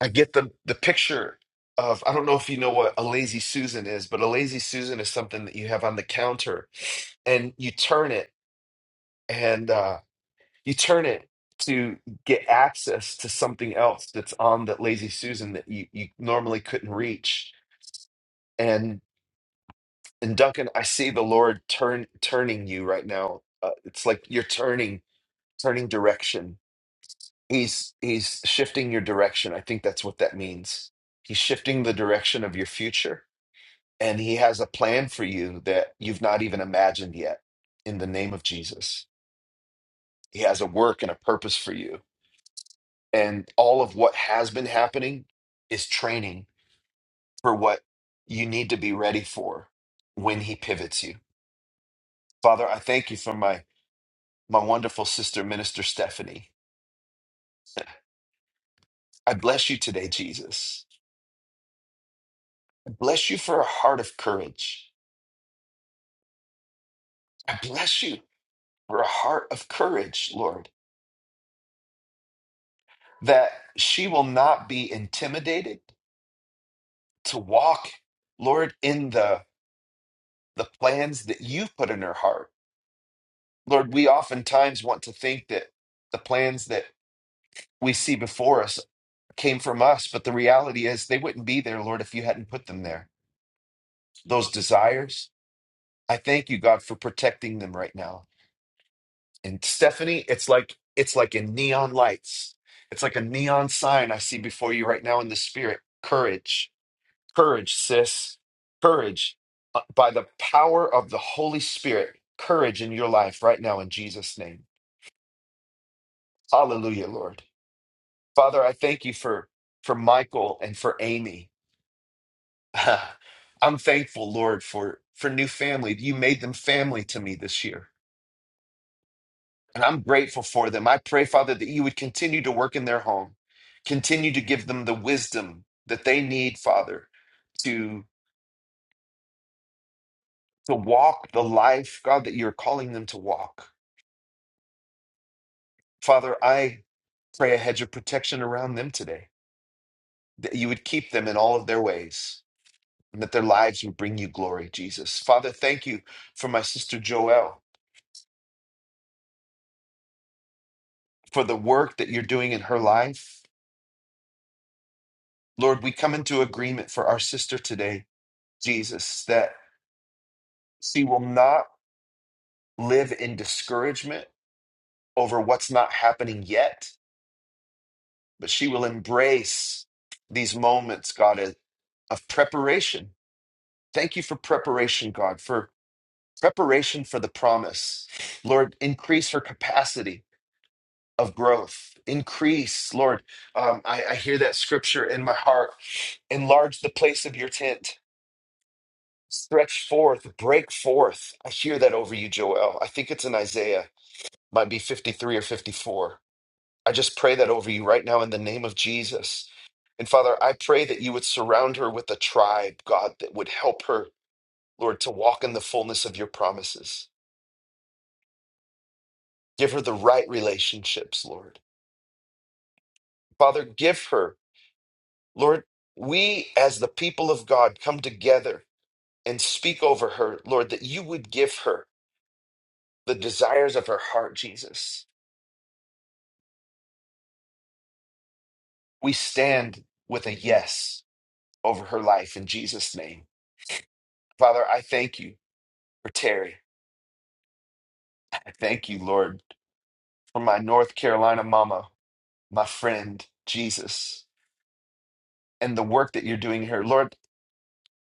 A: I get the, the picture of, I don't know if you know what a lazy Susan is, but a lazy Susan is something that you have on the counter and you turn it. And uh, You turn it to get access to something else that's on that lazy Susan that you, you normally couldn't reach. And and Duncan, I see the Lord turn turning you right now. Uh, it's like you're turning turning direction. He's he's shifting your direction. I think that's what that means. He's shifting the direction of your future, and he has a plan for you that you've not even imagined yet. In the name of Jesus, he has a work and a purpose for you and all of what has been happening is training for what you need to be ready for when he pivots you. Father, I thank you for my my wonderful sister minister Stephanie. I bless you today, Jesus. I bless you for a heart of courage. I bless you for a heart of courage, Lord, that she will not be intimidated to walk, Lord, in the the plans that you've put in her heart. Lord, we oftentimes want to think that the plans that we see before us came from us, but the reality is they wouldn't be there, Lord, if you hadn't put them there. Those desires, I thank you, God, for protecting them right now. And Stephanie, it's like it's like in neon lights. It's like a neon sign I see before you right now in the spirit. Courage, courage, sis, courage Uh, by the power of the Holy Spirit. Courage in your life right now in Jesus' name. Hallelujah, Lord. Father, I thank you for for Michael and for Amy. I'm thankful, Lord, for for new family. You made them family to me this year, and I'm grateful for them. I pray, Father, that you would continue to work in their home, continue to give them the wisdom that they need, Father, to to walk the life, God, that you're calling them to walk. Father, I pray a hedge of protection around them today, that you would keep them in all of their ways, and that their lives would bring you glory, Jesus. Father, thank you for my sister Joelle, for the work that you're doing in her life Lord, we come into agreement for our sister today, Jesus, that she will not live in discouragement over what's not happening yet, but she will embrace these moments, God, of of preparation. Thank you for preparation, God, for preparation for the promise. Lord, increase her capacity of growth. Increase, Lord. Um, I, I hear that scripture in my heart. Enlarge the place of your tent Stretch forth, break forth. I hear that over you, Joel. I think it's in Isaiah, might be 53 or 54. I just pray that over you right now in the name of Jesus. And Father, I pray that you would surround her with a tribe, God, that would help her, Lord, to walk in the fullness of your promises. Give her the right relationships, Lord. Father, give her, Lord, we as the people of God come together and speak over her, Lord, that you would give her the desires of her heart, Jesus We stand with a yes over her life in Jesus' name. Father, I thank you for Terry. I thank you, Lord, for my North Carolina mama, my friend, Jesus, and the work that you're doing here. Lord,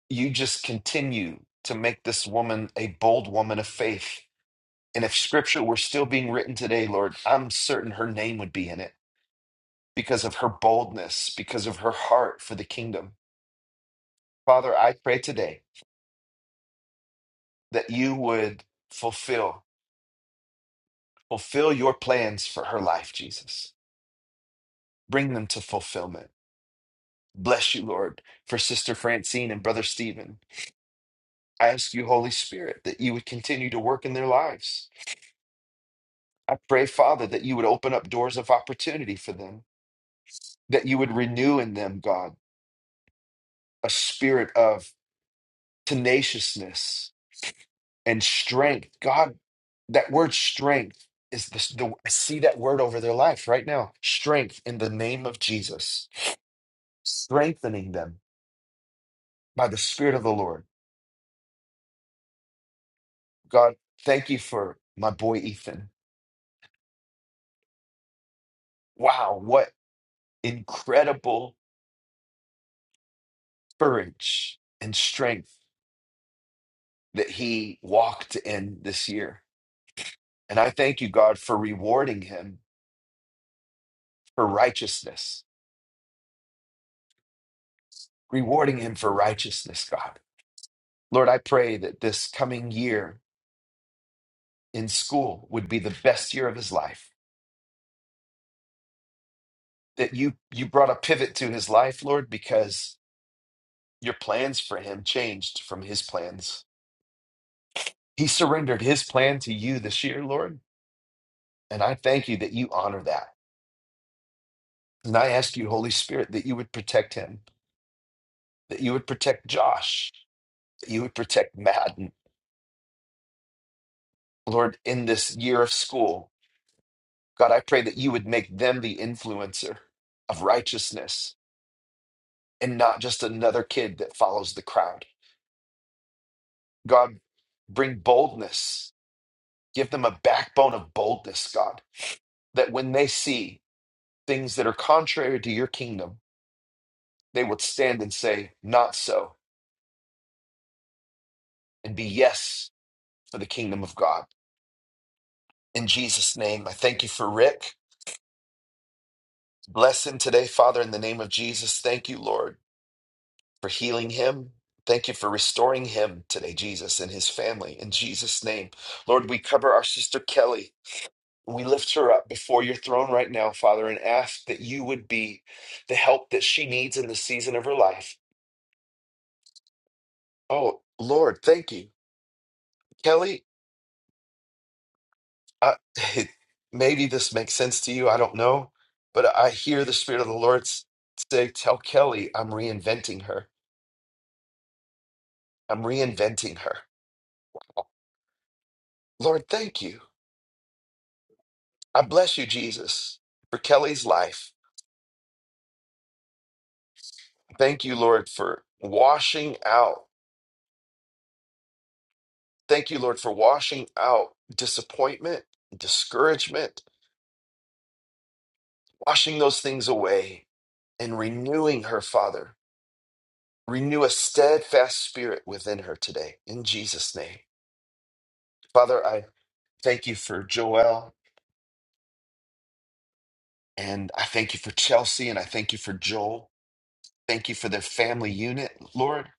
A: you just continue to make this woman a bold woman of faith. And if scripture were still being written today, Lord, I'm certain her name would be in it because of her boldness, because of her heart for the kingdom. Father, I pray today that you would fulfill Fulfill your plans for her life, Jesus. Bring them to fulfillment. Bless you, Lord, for Sister Francine and Brother Stephen. I ask you, Holy Spirit, that you would continue to work in their lives. I pray, Father, that you would open up doors of opportunity for them, that you would renew in them, God, a spirit of tenaciousness and strength. God, that word strength is this, the, I see that word over their life right now strength in the name of Jesus, strengthening them by the Spirit of the Lord. God, thank you for my boy Ethan. Wow, what incredible courage and strength that he walked in this year. And I thank you, God, for rewarding him for righteousness, rewarding him for righteousness, God. Lord, I pray that this coming year in school would be the best year of his life. That you you brought a pivot to his life, Lord, because your plans for him changed from his plans He surrendered his plan to you this year, Lord. And I thank you that you honor that. And I ask you, Holy Spirit, that you would protect him, that you would protect Josh, that you would protect Madden, Lord, in this year of school. God, I pray that you would make them the influencer of righteousness and not just another kid that follows the crowd. God, bring boldness. Give them a backbone of boldness, God, that when they see things that are contrary to your kingdom, they would stand and say, Not so. and be yes for the kingdom of God. In Jesus' name, I thank you for Rick. Bless him today, Father, in the name of Jesus. Thank you, Lord, for healing him. Thank you for restoring him today, Jesus, and his family. In Jesus' name, Lord, we cover our sister Kelly. We lift her up before your throne right now, Father, and ask that you would be the help that she needs in the season of her life. Oh, Lord, thank you. Kelly, I, maybe this makes sense to you. I don't know. But I hear the Spirit of the Lord s- say, Tell Kelly, I'm reinventing her. I'm reinventing her. Lord, thank you. I bless you, Jesus, for Kelly's life. Thank you, Lord, for washing out. Thank you, Lord, for washing out disappointment, discouragement, washing those things away and renewing her, Father. Renew a steadfast spirit within her today. In Jesus' name. Father, I Thank you for Joel. And I thank you for Chelsea. And I thank you for Joel. Thank you for their family unit, Lord.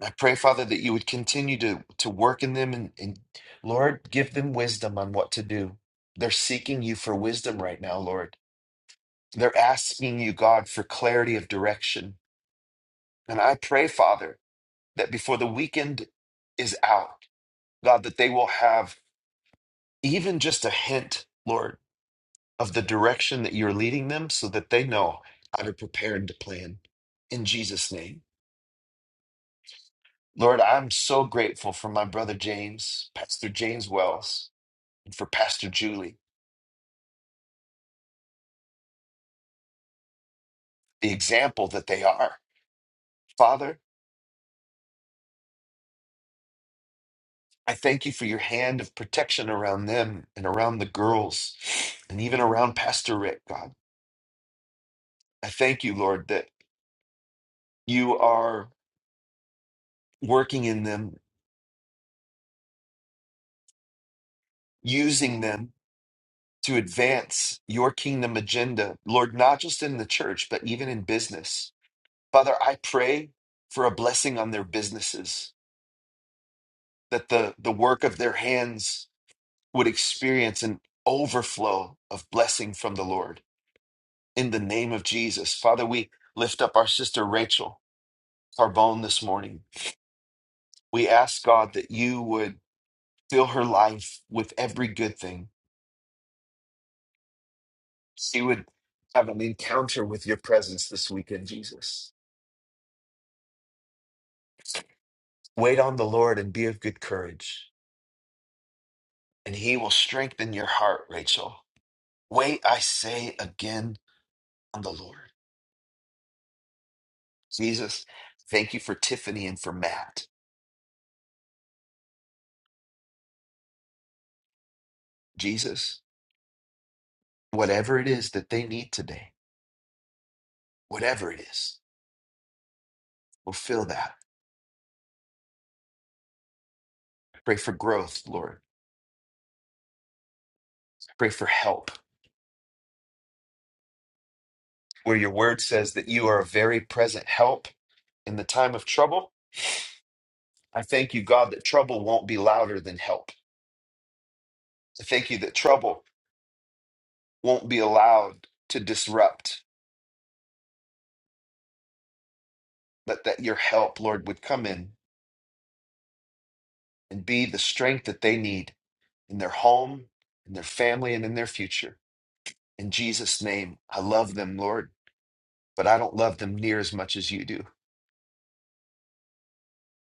A: I pray, Father, that you would continue to, to work in them and, and, Lord, give them wisdom on what to do. They're seeking you for wisdom right now, Lord. They're asking you, God, for clarity of direction. And I pray, Father, that before the weekend is out, God, that they will have even just a hint, Lord of the direction that you're leading them so that they know how to prepare and to plan. In Jesus' name. Lord, I'm so grateful for my brother James, Pastor James Wells, and for Pastor Julie, the example that they are. Father, I thank you for your hand of protection around them and around the girls and even around Pastor Rick, God. I thank you, Lord, that you are working in them, using them to advance your kingdom agenda, Lord, not just in the church, but even in business. Father, I pray for a blessing on their businesses, that the, the work of their hands would experience an overflow of blessing from the Lord. In the name of Jesus, Father, we lift up our sister Rachel Carbone this morning. We ask God that you would fill her life with every good thing. She would have an encounter with your presence this weekend, Jesus Wait on the Lord and be of good courage, and he will strengthen your heart, Rachel. Wait, I say again on the Lord. Jesus, thank you for Tiffany and for Matt. Jesus, whatever it is that they need today, whatever it is, fulfill that. Pray for growth, Lord. Pray for help. Where your word says that you are a very present help in the time of trouble, I thank you, God, that trouble won't be louder than help. I thank you that trouble won't be allowed to disrupt but that your help, Lord, would come in and be the strength that they need in their home, in their family, and in their future. In Jesus' name, I love them, Lord, but I don't love them near as much as you do.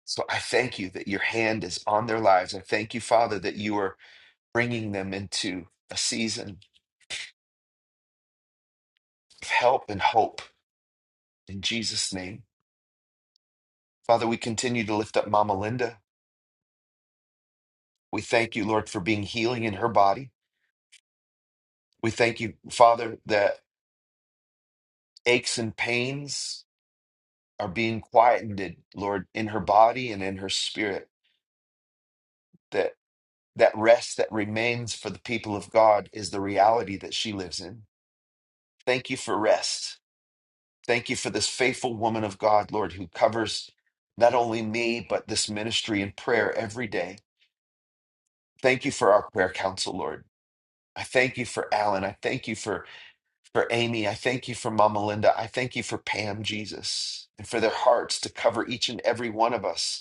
A: So I thank you that your hand is on their lives. I thank you, Father, that you are bringing them into a season of help and hope in Jesus' name. Father, we continue to lift up Mama Linda. We thank you, Lord, for being healing in her body. We thank you, Father, that aches and pains are being quieted, Lord, in her body and in her spirit. That that rest that remains for the people of God is the reality that she lives in. Thank you for rest. Thank you for this faithful woman of God, Lord, who covers not only me, but this ministry in prayer every day. Thank you for our prayer council, Lord. I thank you for Alan. I thank you for, for Amy. I thank you for Mama Linda. I thank you for Pam, Jesus, and for their hearts to cover each and every one of us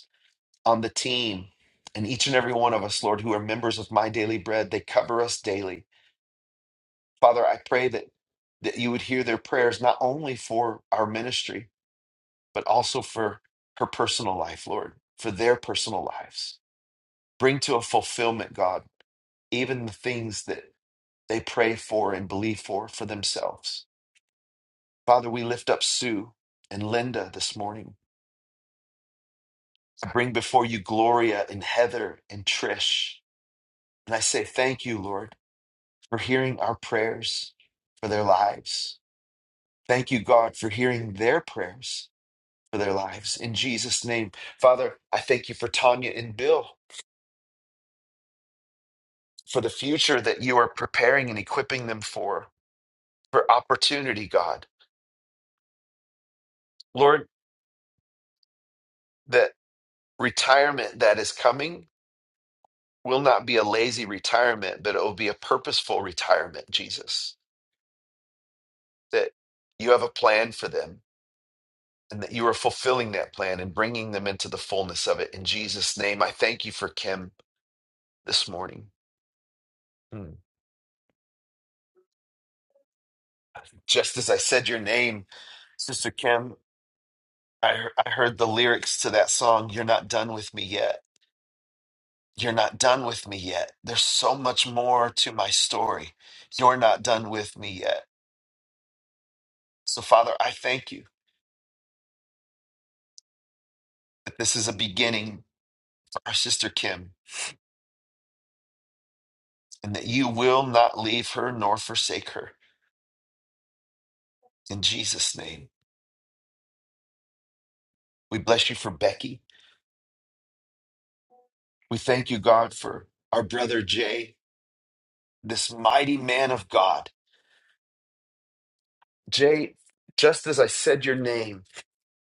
A: on the team and each and every one of us, Lord, who are members of My Daily Bread. They cover us daily. Father, I pray that, that you would hear their prayers, not only for our ministry, but also for her personal life, Lord, for their personal lives. Bring to a fulfillment, God, even the things that they pray for and believe for for themselves. Father, we lift up Sue and Linda this morning. I bring before you Gloria and Heather and Trish. And I say, thank you, Lord. for hearing our prayers for their lives. Thank you, God, for hearing their prayers for their lives. In Jesus' name, Father, I thank you for Tanya and Bill, for the future that you are preparing and equipping them for, for opportunity, God. Lord, that retirement that is coming will not be a lazy retirement, but it will be a purposeful retirement, Jesus, that you have a plan for them and that you are fulfilling that plan and bringing them into the fullness of it. In Jesus' name, I thank you for Kim this morning. Mm. Just as I said your name, Sister Kim, I, hear- I heard the lyrics to that song, You're Not Done With Me Yet. You're not done with me yet. There's so much more to my story. You're not done with me yet. So, Father, I thank you that this is a beginning for our sister Kim and that you will not leave her nor forsake her. In Jesus' name, we bless you for Becky. We thank you, God, for our brother Jay, this mighty man of God. Jay, just as I said your name,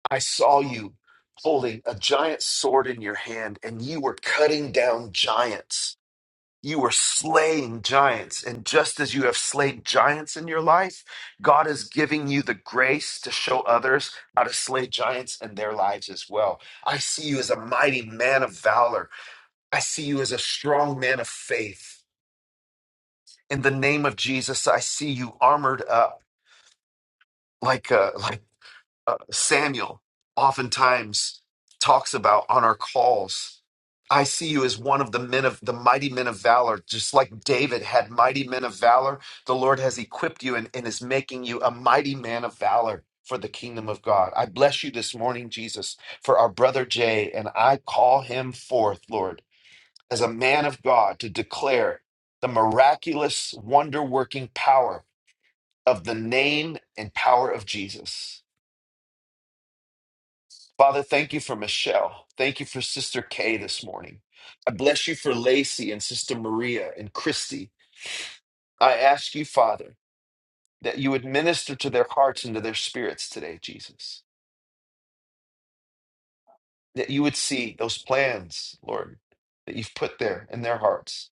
A: I saw you holding a giant sword in your hand, and you were cutting down giants. You were slaying giants. And just as you have slayed giants in your life, God is giving you the grace to show others how to slay giants in their lives as well. I see you as a mighty man of valor. I see you as a strong man of faith. in the name of Jesus, I see you armored up, like uh, like uh, Samuel oftentimes talks about on our calls. I see you as one of the men of the mighty men of valor, just like David had mighty men of valor. The Lord has equipped you and, and is making you a mighty man of valor for the kingdom of God. I bless you this morning, Jesus, for our brother Jay, and I call him forth, Lord, as a man of God to declare the miraculous, wonder working power of the name and power of Jesus. Father, thank you for Michelle. Thank you for Sister Kay this morning. I bless you for Lacey and Sister Maria and Christy. I ask you, Father, that you would minister to their hearts and to their spirits today, Jesus. That you would see those plans, Lord, that you've put there in their hearts.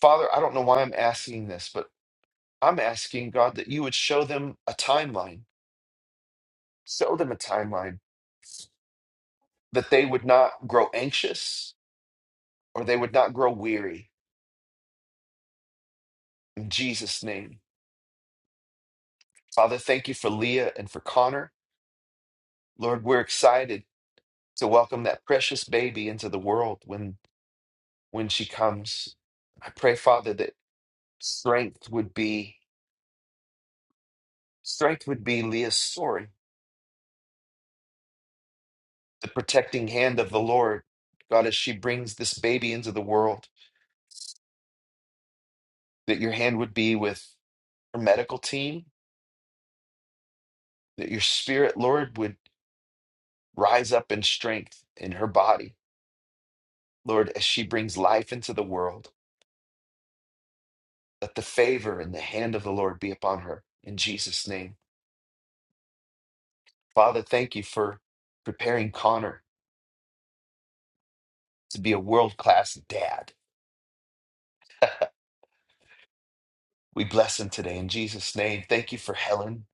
A: Father, I don't know why I'm asking this, but I'm asking, God, that you would show them a timeline. Show them a timeline that they would not grow anxious, or they would not grow weary. In Jesus' name. Father, thank you for Leah and for Connor. Lord, we're excited to welcome that precious baby into the world when when she comes. I pray, Father, that strength would be strength would be Leah's story, the protecting hand of the Lord. God, as she brings this baby into the world, that your hand would be with her medical team, that your spirit, Lord, would rise up in strength in her body, Lord, as she brings life into the world. Let the favor and the hand of the Lord be upon her in Jesus' name. Father, thank you for preparing Connor to be a world class dad. We bless him today in Jesus' name. Thank you for Helen.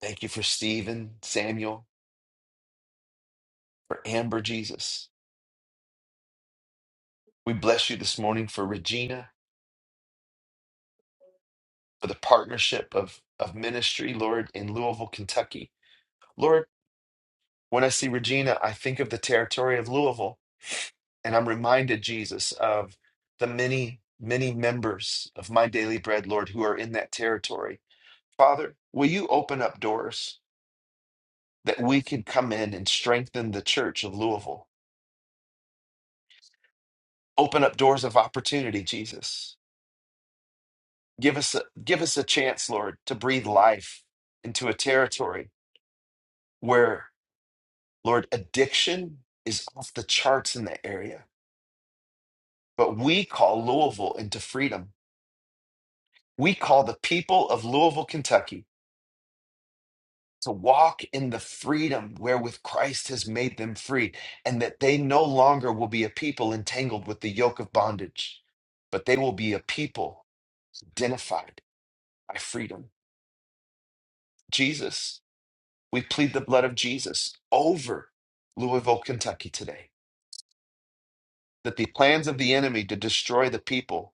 A: Thank you for Stephen, Samuel, for Amber, Jesus. We bless you this morning for Regina, for the partnership of, of ministry, Lord, in Louisville, Kentucky. Lord, when I see Regina, I think of the territory of Louisville. And I'm reminded, Jesus, of the many, many members of my daily bread, Lord, who are in that territory. Father, will you open up doors that we can come in and strengthen the church of Louisville? Open up doors of opportunity, Jesus. Give us a, give us a chance, Lord, to breathe life into a territory where, Lord, addiction is off the charts in that area. But we call Louisville into freedom. We call the people of Louisville, Kentucky to walk in the freedom wherewith Christ has made them free, and that they no longer will be a people entangled with the yoke of bondage, but they will be a people identified by freedom. Jesus, we plead the blood of Jesus over Louisville, Kentucky today, that the plans of the enemy to destroy the people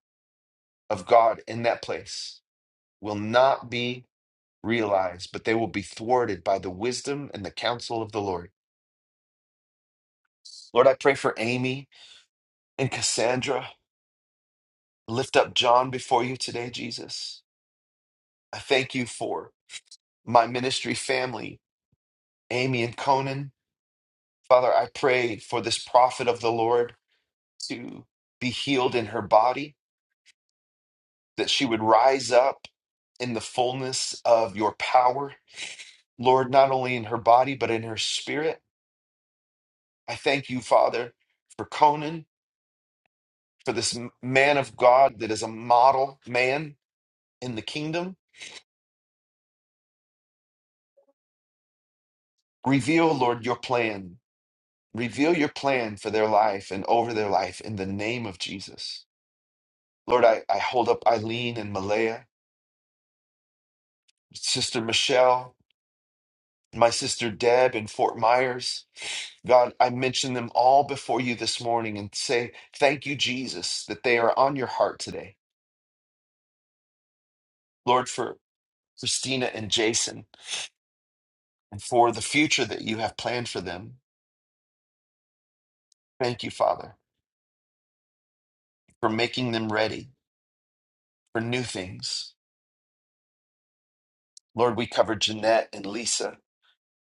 A: of God in that place will not be realized, but they will be thwarted by the wisdom and the counsel of the Lord. Lord, I pray for Amy and Cassandra. lift up John before you today, Jesus. I thank you for my ministry family, Amy and Conan. Father, I pray for this prophet of the Lord to be healed in her body, that she would rise up in the fullness of your power, Lord, not only in her body, but in her spirit. I thank you, Father, for Conan, for this m- man of God that is a model man in the kingdom. Reveal, Lord, your plan Reveal your plan for their life and over their life in the name of Jesus. Lord, I, I hold up Eileen and Malaya, Sister Michelle, my sister Deb in Fort Myers. God, I mention them all before you this morning and say, thank you, Jesus, that they are on your heart today. Lord, for Christina and Jason and for the future that you have planned for them. Thank you, Father, for making them ready for new things. Lord, we cover Jeanette and Lisa.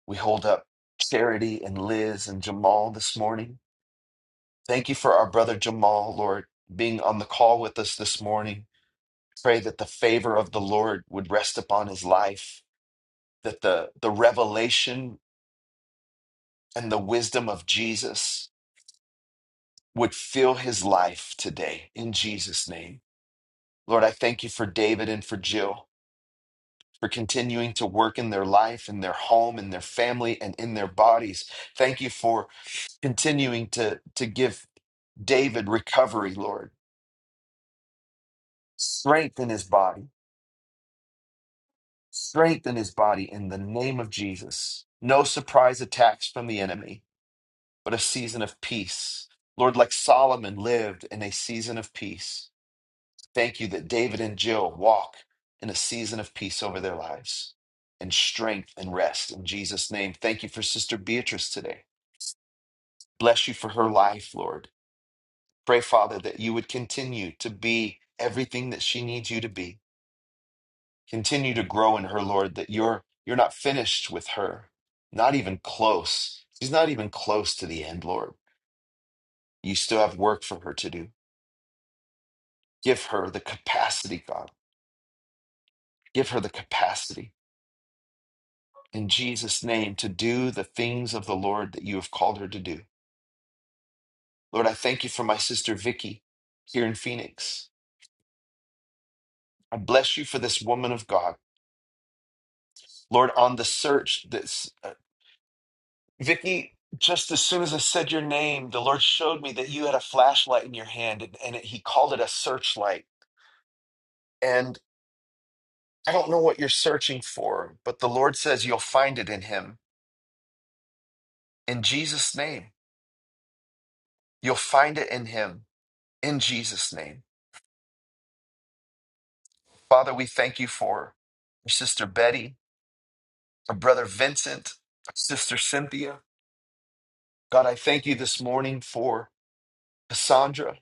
A: We hold up Charity and Liz and Jamal this morning. Thank you for our brother Jamal, Lord, being on the call with us this morning. Pray that the favor of the Lord would rest upon his life, that the, the revelation and the wisdom of Jesus would fill his life today in Jesus' name. Lord, I thank you for David and for Jill for continuing to work in their life, in their home, in their family, and in their bodies. Thank you for continuing to to give David recovery, Lord. Strengthen his body. Strengthen his body in the name of Jesus. No surprise attacks from the enemy, but a season of peace. Lord, like Solomon lived in a season of peace. Thank you that David and Jill walk in a season of peace over their lives and strength and rest in Jesus' name. Thank you for Sister Beatrice today. Bless you for her life, Lord. Pray, Father, that you would continue to be everything that she needs you to be Continue to grow in her, Lord, that you're you're not finished with her. Not even close. She's not even close to the end, Lord. You still have work for her to do. Give her the capacity, God. Give her the capacity in Jesus' name to do the things of the Lord that you have called her to do. Lord, I thank you for my sister Vicky here in Phoenix. I bless you for this woman of God. Lord, on the search, this. uh, Vicky, just as soon as I said your name, the Lord showed me that you had a flashlight in your hand and, and He called it a searchlight. And I don't know what you're searching for, but the Lord says you'll find it in Him. In Jesus' name, you'll find it in Him. In Jesus' name. Father, we thank you for our sister Betty, our brother Vincent, our sister Cynthia. God, I thank you this morning for Cassandra,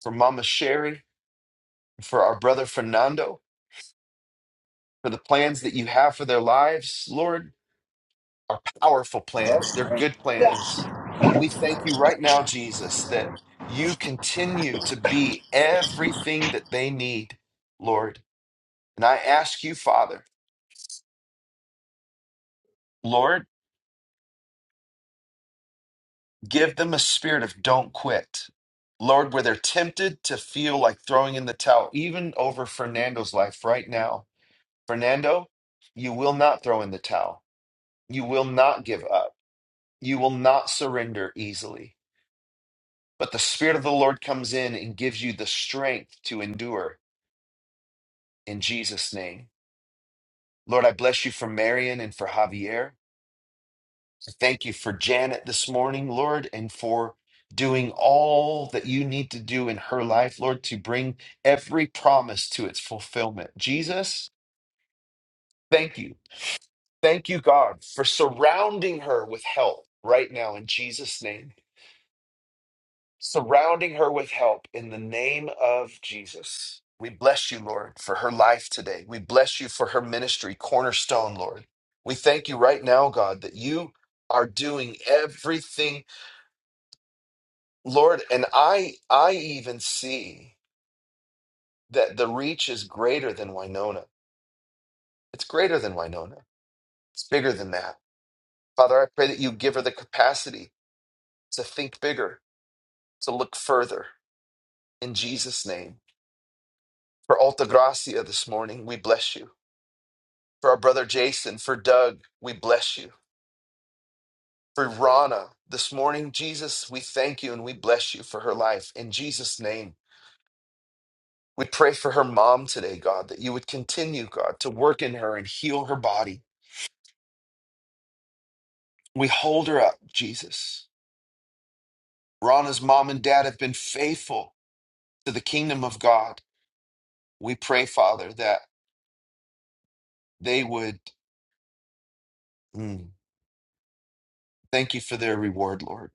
A: for Mama Sherry, for our brother Fernando. For the plans that you have for their lives, Lord, are powerful plans. They're good plans. And we thank you right now, Jesus, that you continue to be everything that they need, Lord. And I ask you, Father, Lord, give them a spirit of don't quit. Lord, where they're tempted to feel like throwing in the towel, even over Fernando's life right now. Fernando, you will not throw in the towel. You will not give up. You will not surrender easily. But the Spirit of the Lord comes in and gives you the strength to endure in Jesus' name. Lord, I bless you for Marion and for Javier. I thank you for Janet this morning, Lord, and for doing all that you need to do in her life, Lord, to bring every promise to its fulfillment. Jesus, thank you. Thank you, God, for surrounding her with help right now in Jesus' name. surrounding her with help in the name of Jesus. We bless you, Lord, for her life today. We bless you for her ministry, Cornerstone, Lord. We thank you right now, God, that you are doing everything, Lord, and I I even see that the reach is greater than Winona. It's greater than Winona. It's bigger than that. Father, I pray that you give her the capacity to think bigger, to look further in Jesus' name. For Alta Gracia this morning, we bless you. For our brother Jason, for Doug, we bless you. For Rana, this morning, Jesus, we thank you and we bless you for her life. In Jesus' name, we pray for her mom today, God, that you would continue, God, to work in her and heal her body. We hold her up, Jesus. Rana's mom and dad have been faithful to the kingdom of God. We pray, Father, that they would mm, thank you for their reward, Lord.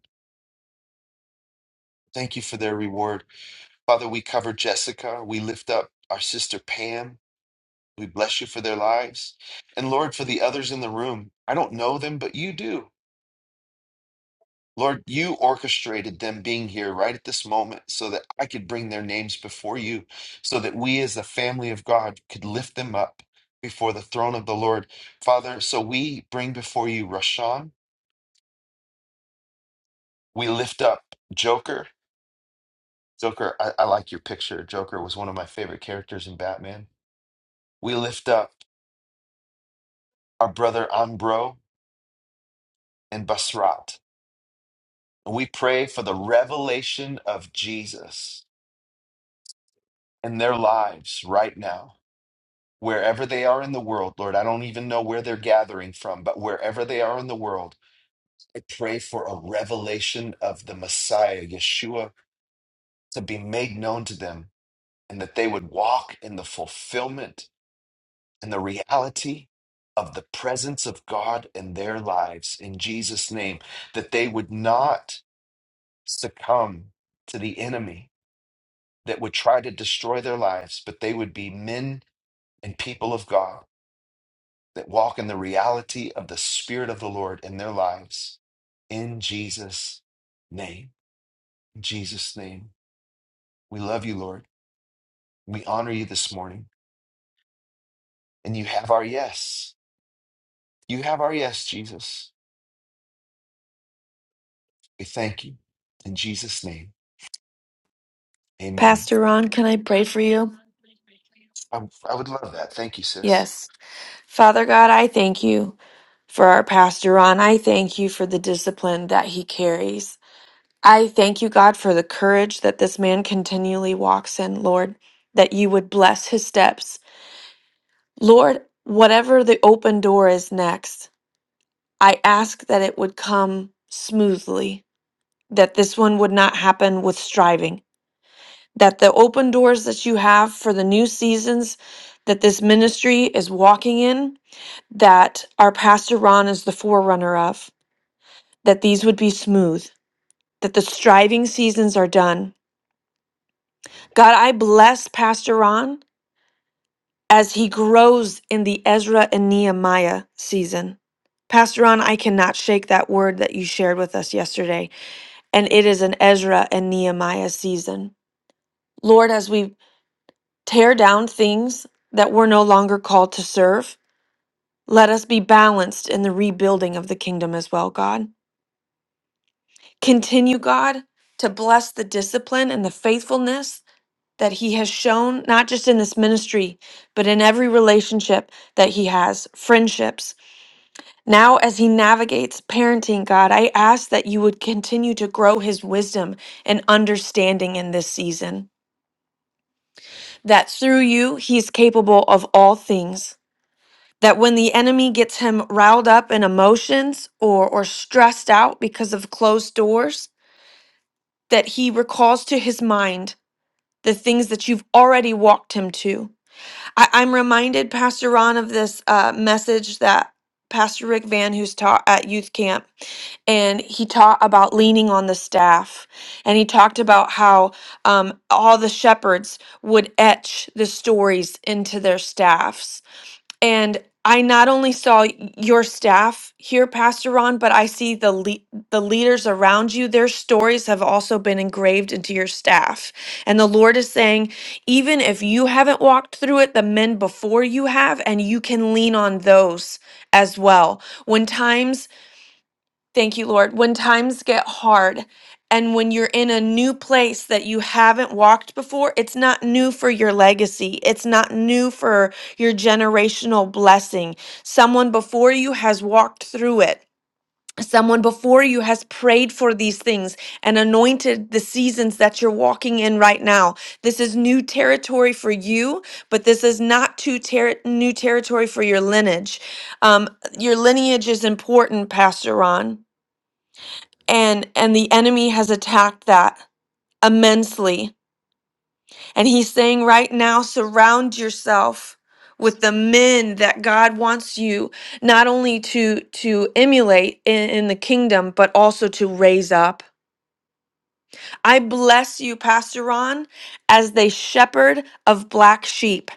A: Thank you for their reward. Father, we cover Jessica. We lift up our sister Pam. We bless you for their lives. And Lord, for the others in the room, I don't know them, but you do. Lord, you orchestrated them being here right at this moment so that I could bring their names before you, so that we as the family of God could lift them up before the throne of the Lord. Father, so we bring before you Rashawn. We lift up Joker. Joker, I, I like your picture. Joker was one of my favorite characters in Batman. We lift up our brother Ambro and Basrat. We pray for the revelation of Jesus in their lives right now, wherever they are in the world. Lord, I don't even know where they're gathering from, but wherever they are in the world, I pray for a revelation of the Messiah, Yeshua, to be made known to them and that they would walk in the fulfillment and the reality of the presence of God in their lives in Jesus' name, that they would not succumb to the enemy that would try to destroy their lives, but they would be men and people of God that walk in the reality of the Spirit of the Lord in their lives. In Jesus' name, In Jesus' name, we love you, Lord. We honor you this morning, and you have our yes. You have our yes, Jesus. We thank you. In Jesus' name, amen.
O: Pastor Ron, can I pray for you?
A: I, I would love that. Thank you, sis.
O: Yes. Father God, I thank you for our Pastor Ron. I thank you for the discipline that he carries. I thank you, God, for the courage that this man continually walks in, Lord, that you would bless his steps. Lord, whatever the open door is next, I ask that it would come smoothly, that this one would not happen with striving. that the open doors that you have for the new seasons that this ministry is walking in, that our pastor Ron is the forerunner of, that these would be smooth, that the striving seasons are done. God, I bless Pastor Ron as he grows in the Ezra and Nehemiah season. Pastor Ron, I cannot shake that word that you shared with us yesterday, and it is an Ezra and Nehemiah season. Lord, as we tear down things that we're no longer called to serve. Let us be balanced in the rebuilding of the kingdom as well, God. Continue, God, to bless the discipline and the faithfulness that He has shown, not just in this ministry, but in every relationship that He has, friendships. Now, as He navigates parenting, God, I ask that you would continue to grow His wisdom and understanding in this season, that through you, He is capable of all things that when the enemy gets him riled up in emotions or or stressed out because of closed doors that he recalls to his mind the things that you've already walked him to I, i'm reminded pastor ron of this uh, message that pastor rick van who's taught at youth camp and he taught about leaning on the staff and he talked about how um, all the shepherds would etch the stories into their staffs and I not only saw your staff here, Pastor Ron, but I see the le- the leaders around you. Their stories have also been engraved into your staff, and the Lord is saying, even if you haven't walked through it, the men before you have, and you can lean on those as well. When times Thank you, Lord. When times get hard and when you're in a new place that you haven't walked before, it's not new for your legacy. It's not new for your generational blessing. Someone before you has walked through it. Someone before you has prayed for these things and anointed the seasons that you're walking in right now. This is new territory for you, but this is not too ter- new territory for your lineage. Um, your lineage is important, Pastor Ron and and the enemy has attacked that immensely and he's saying right now surround yourself with the men that god wants you not only to to emulate in, in the kingdom but also to raise up i bless you pastor ron as the shepherd of black sheep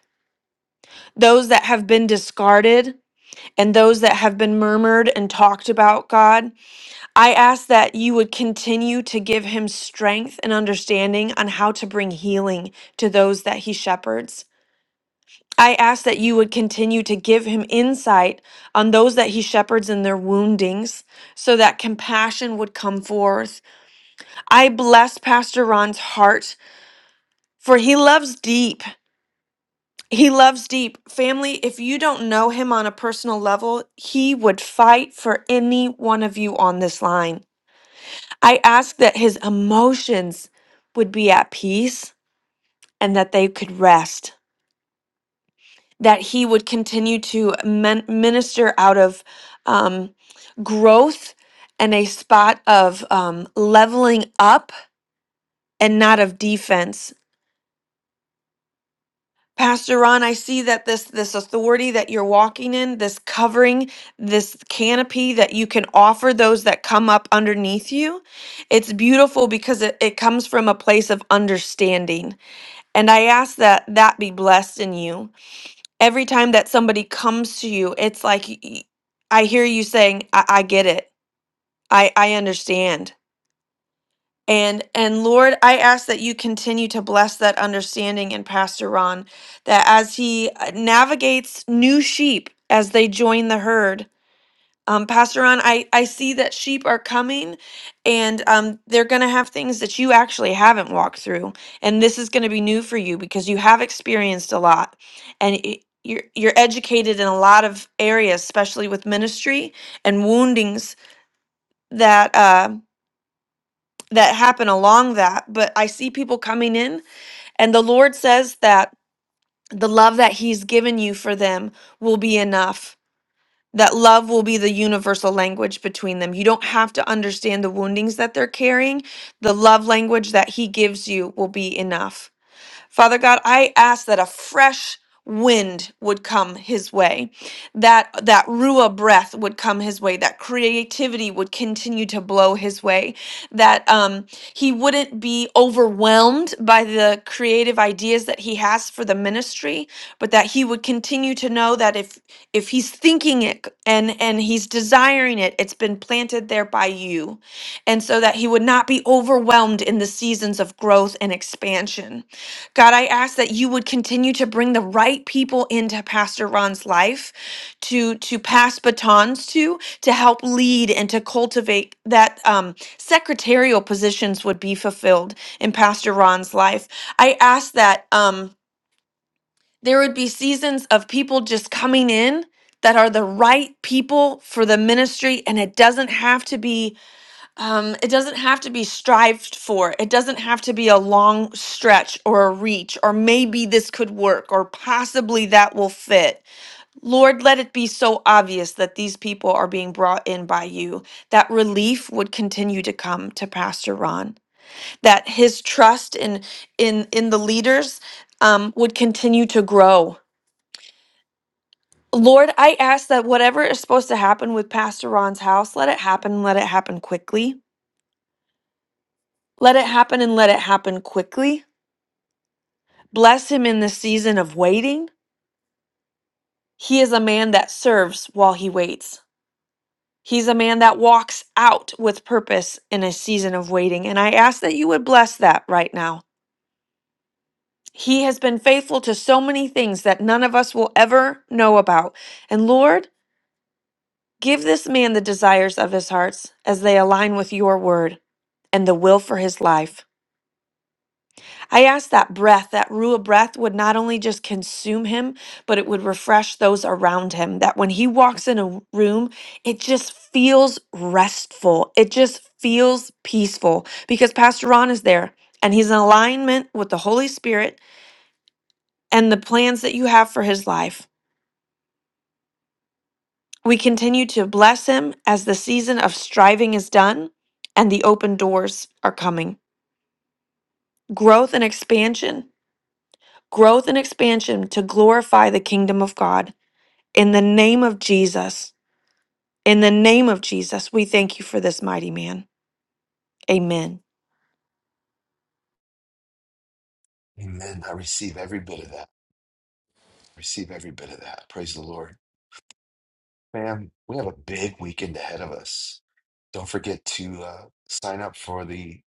O: those that have been discarded and those that have been murmured and talked about god I ask that you would continue to give him strength and understanding on how to bring healing to those that he shepherds. I ask that you would continue to give him insight on those that he shepherds and their woundings so that compassion would come forth. I bless Pastor Ron's heart for he loves deep. He loves deep. Family, if you don't know him on a personal level, he would fight for any one of you on this line. I ask that his emotions would be at peace and that they could rest, that he would continue to men- minister out of um, growth and a spot of um, leveling up and not of defense. Pastor Ron, I see that this this authority that you're walking in, this covering, this canopy that you can offer those that come up underneath you, it's beautiful because it, it comes from a place of understanding And I ask that that be blessed in you. Every time that somebody comes to you, it's like y- y- I hear you saying, I, I get it. I, I understand. And and Lord, I ask that you continue to bless that understanding in Pastor Ron, that as he uh, navigates new sheep as they join the herd, um, Pastor Ron, I, I see that sheep are coming and um, they're going to have things that you actually haven't walked through. And this is going to be new for you because you have experienced a lot and y- you're, you're educated in a lot of areas, especially with ministry and woundings that, uh, that happen along that. But I see people coming in and the Lord says that the love that he's given you for them will be enough that love will be the universal language between them. You don't have to understand the woundings that they're carrying. The love language that he gives you will be enough. Father God, I ask that a fresh wind would come his way that that rua breath would come his way that creativity would continue to blow his way that um he wouldn't be overwhelmed by the creative ideas that he has for the ministry but that he would continue to know that if if he's thinking it and and he's desiring it it's been planted there by you and so that he would not be overwhelmed in the seasons of growth and expansion God, I ask that you would continue to bring the right people into Pastor Ron's life to to pass batons to, to help lead and to cultivate that um, secretarial positions would be fulfilled in Pastor Ron's life. I ask that um, there would be seasons of people just coming in that are the right people for the ministry, and it doesn't have to be um, it doesn't have to be strived for. It doesn't have to be a long stretch or a reach, or maybe this could work, or possibly that will fit. Lord, let it be so obvious that these people are being brought in by you, that relief would continue to come to Pastor Ron, that his trust in in in the leaders um, would continue to grow. Lord, I ask that whatever is supposed to happen with Pastor Ron's house, let it happen, let it happen quickly Let it happen and let it happen quickly. Bless him in the season of waiting. He is a man that serves while he waits. He's a man that walks out with purpose in a season of waiting. And I ask that you would bless that right now. He has been faithful to so many things that none of us will ever know about. And Lord, give this man the desires of his hearts as they align with your word and the will for his life. I asked that breath, that Ruah breath would not only just consume him, but it would refresh those around him. That when he walks in a room, it just feels restful. It just feels peaceful because Pastor Ron is there and he's in alignment with the Holy Spirit and the plans that you have for his life. We continue to bless him as the season of striving is done and the open doors are coming. Growth and expansion, growth and expansion to glorify the kingdom of God. In the name of Jesus, in the name of Jesus, we thank you for this mighty man. Amen.
A: Amen. I receive every bit of that. Receive every bit of that. Praise the Lord. Ma'am, we have a big weekend ahead of us. Don't forget to uh, sign up for the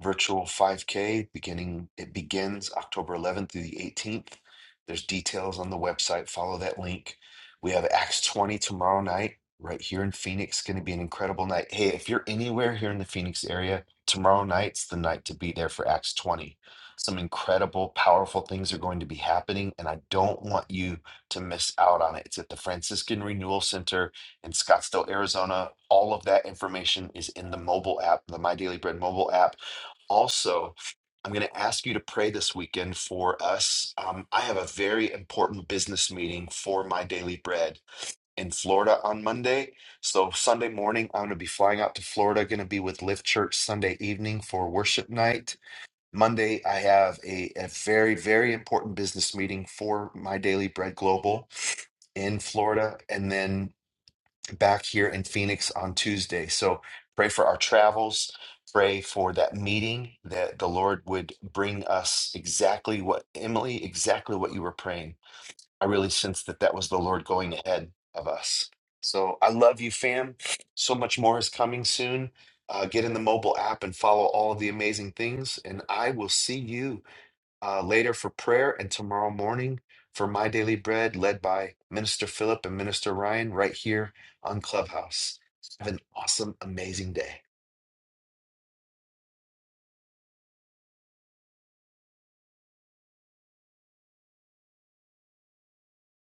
A: virtual 5K beginning it begins October 11th through the 18th. There's details on the website. Follow that link. We have Acts 20 tomorrow night right here in Phoenix. Going to be an incredible night. Hey, if you're anywhere here in the Phoenix area, tomorrow night's the night to be there for Acts 20. Some incredible, powerful things are going to be happening, and I don't want you to miss out on it. It's at the Franciscan Renewal Center in Scottsdale, Arizona. All of that information is in the mobile app, the My Daily Bread mobile app also, I'm going to ask you to pray this weekend for us. Um, I have a very important business meeting for my daily bread in Florida on Monday. So, Sunday morning, I'm going to be flying out to Florida, going to be with Lift Church Sunday evening for worship night. Monday, I have a, a very, very important business meeting for my daily bread global in Florida. And then back here in Phoenix on Tuesday. So pray for our travels. Pray for that meeting that the Lord would bring us exactly what, Emily, exactly what you were praying. I really sense that that was the Lord going ahead of us. So I love you, fam. So much more is coming soon. Uh, get in the mobile app and follow all of the amazing things. And I will see you uh, later for prayer and tomorrow morning for My Daily Bread, led by Minister Philip and Minister Ryan right here on Clubhouse. Have an awesome, amazing day.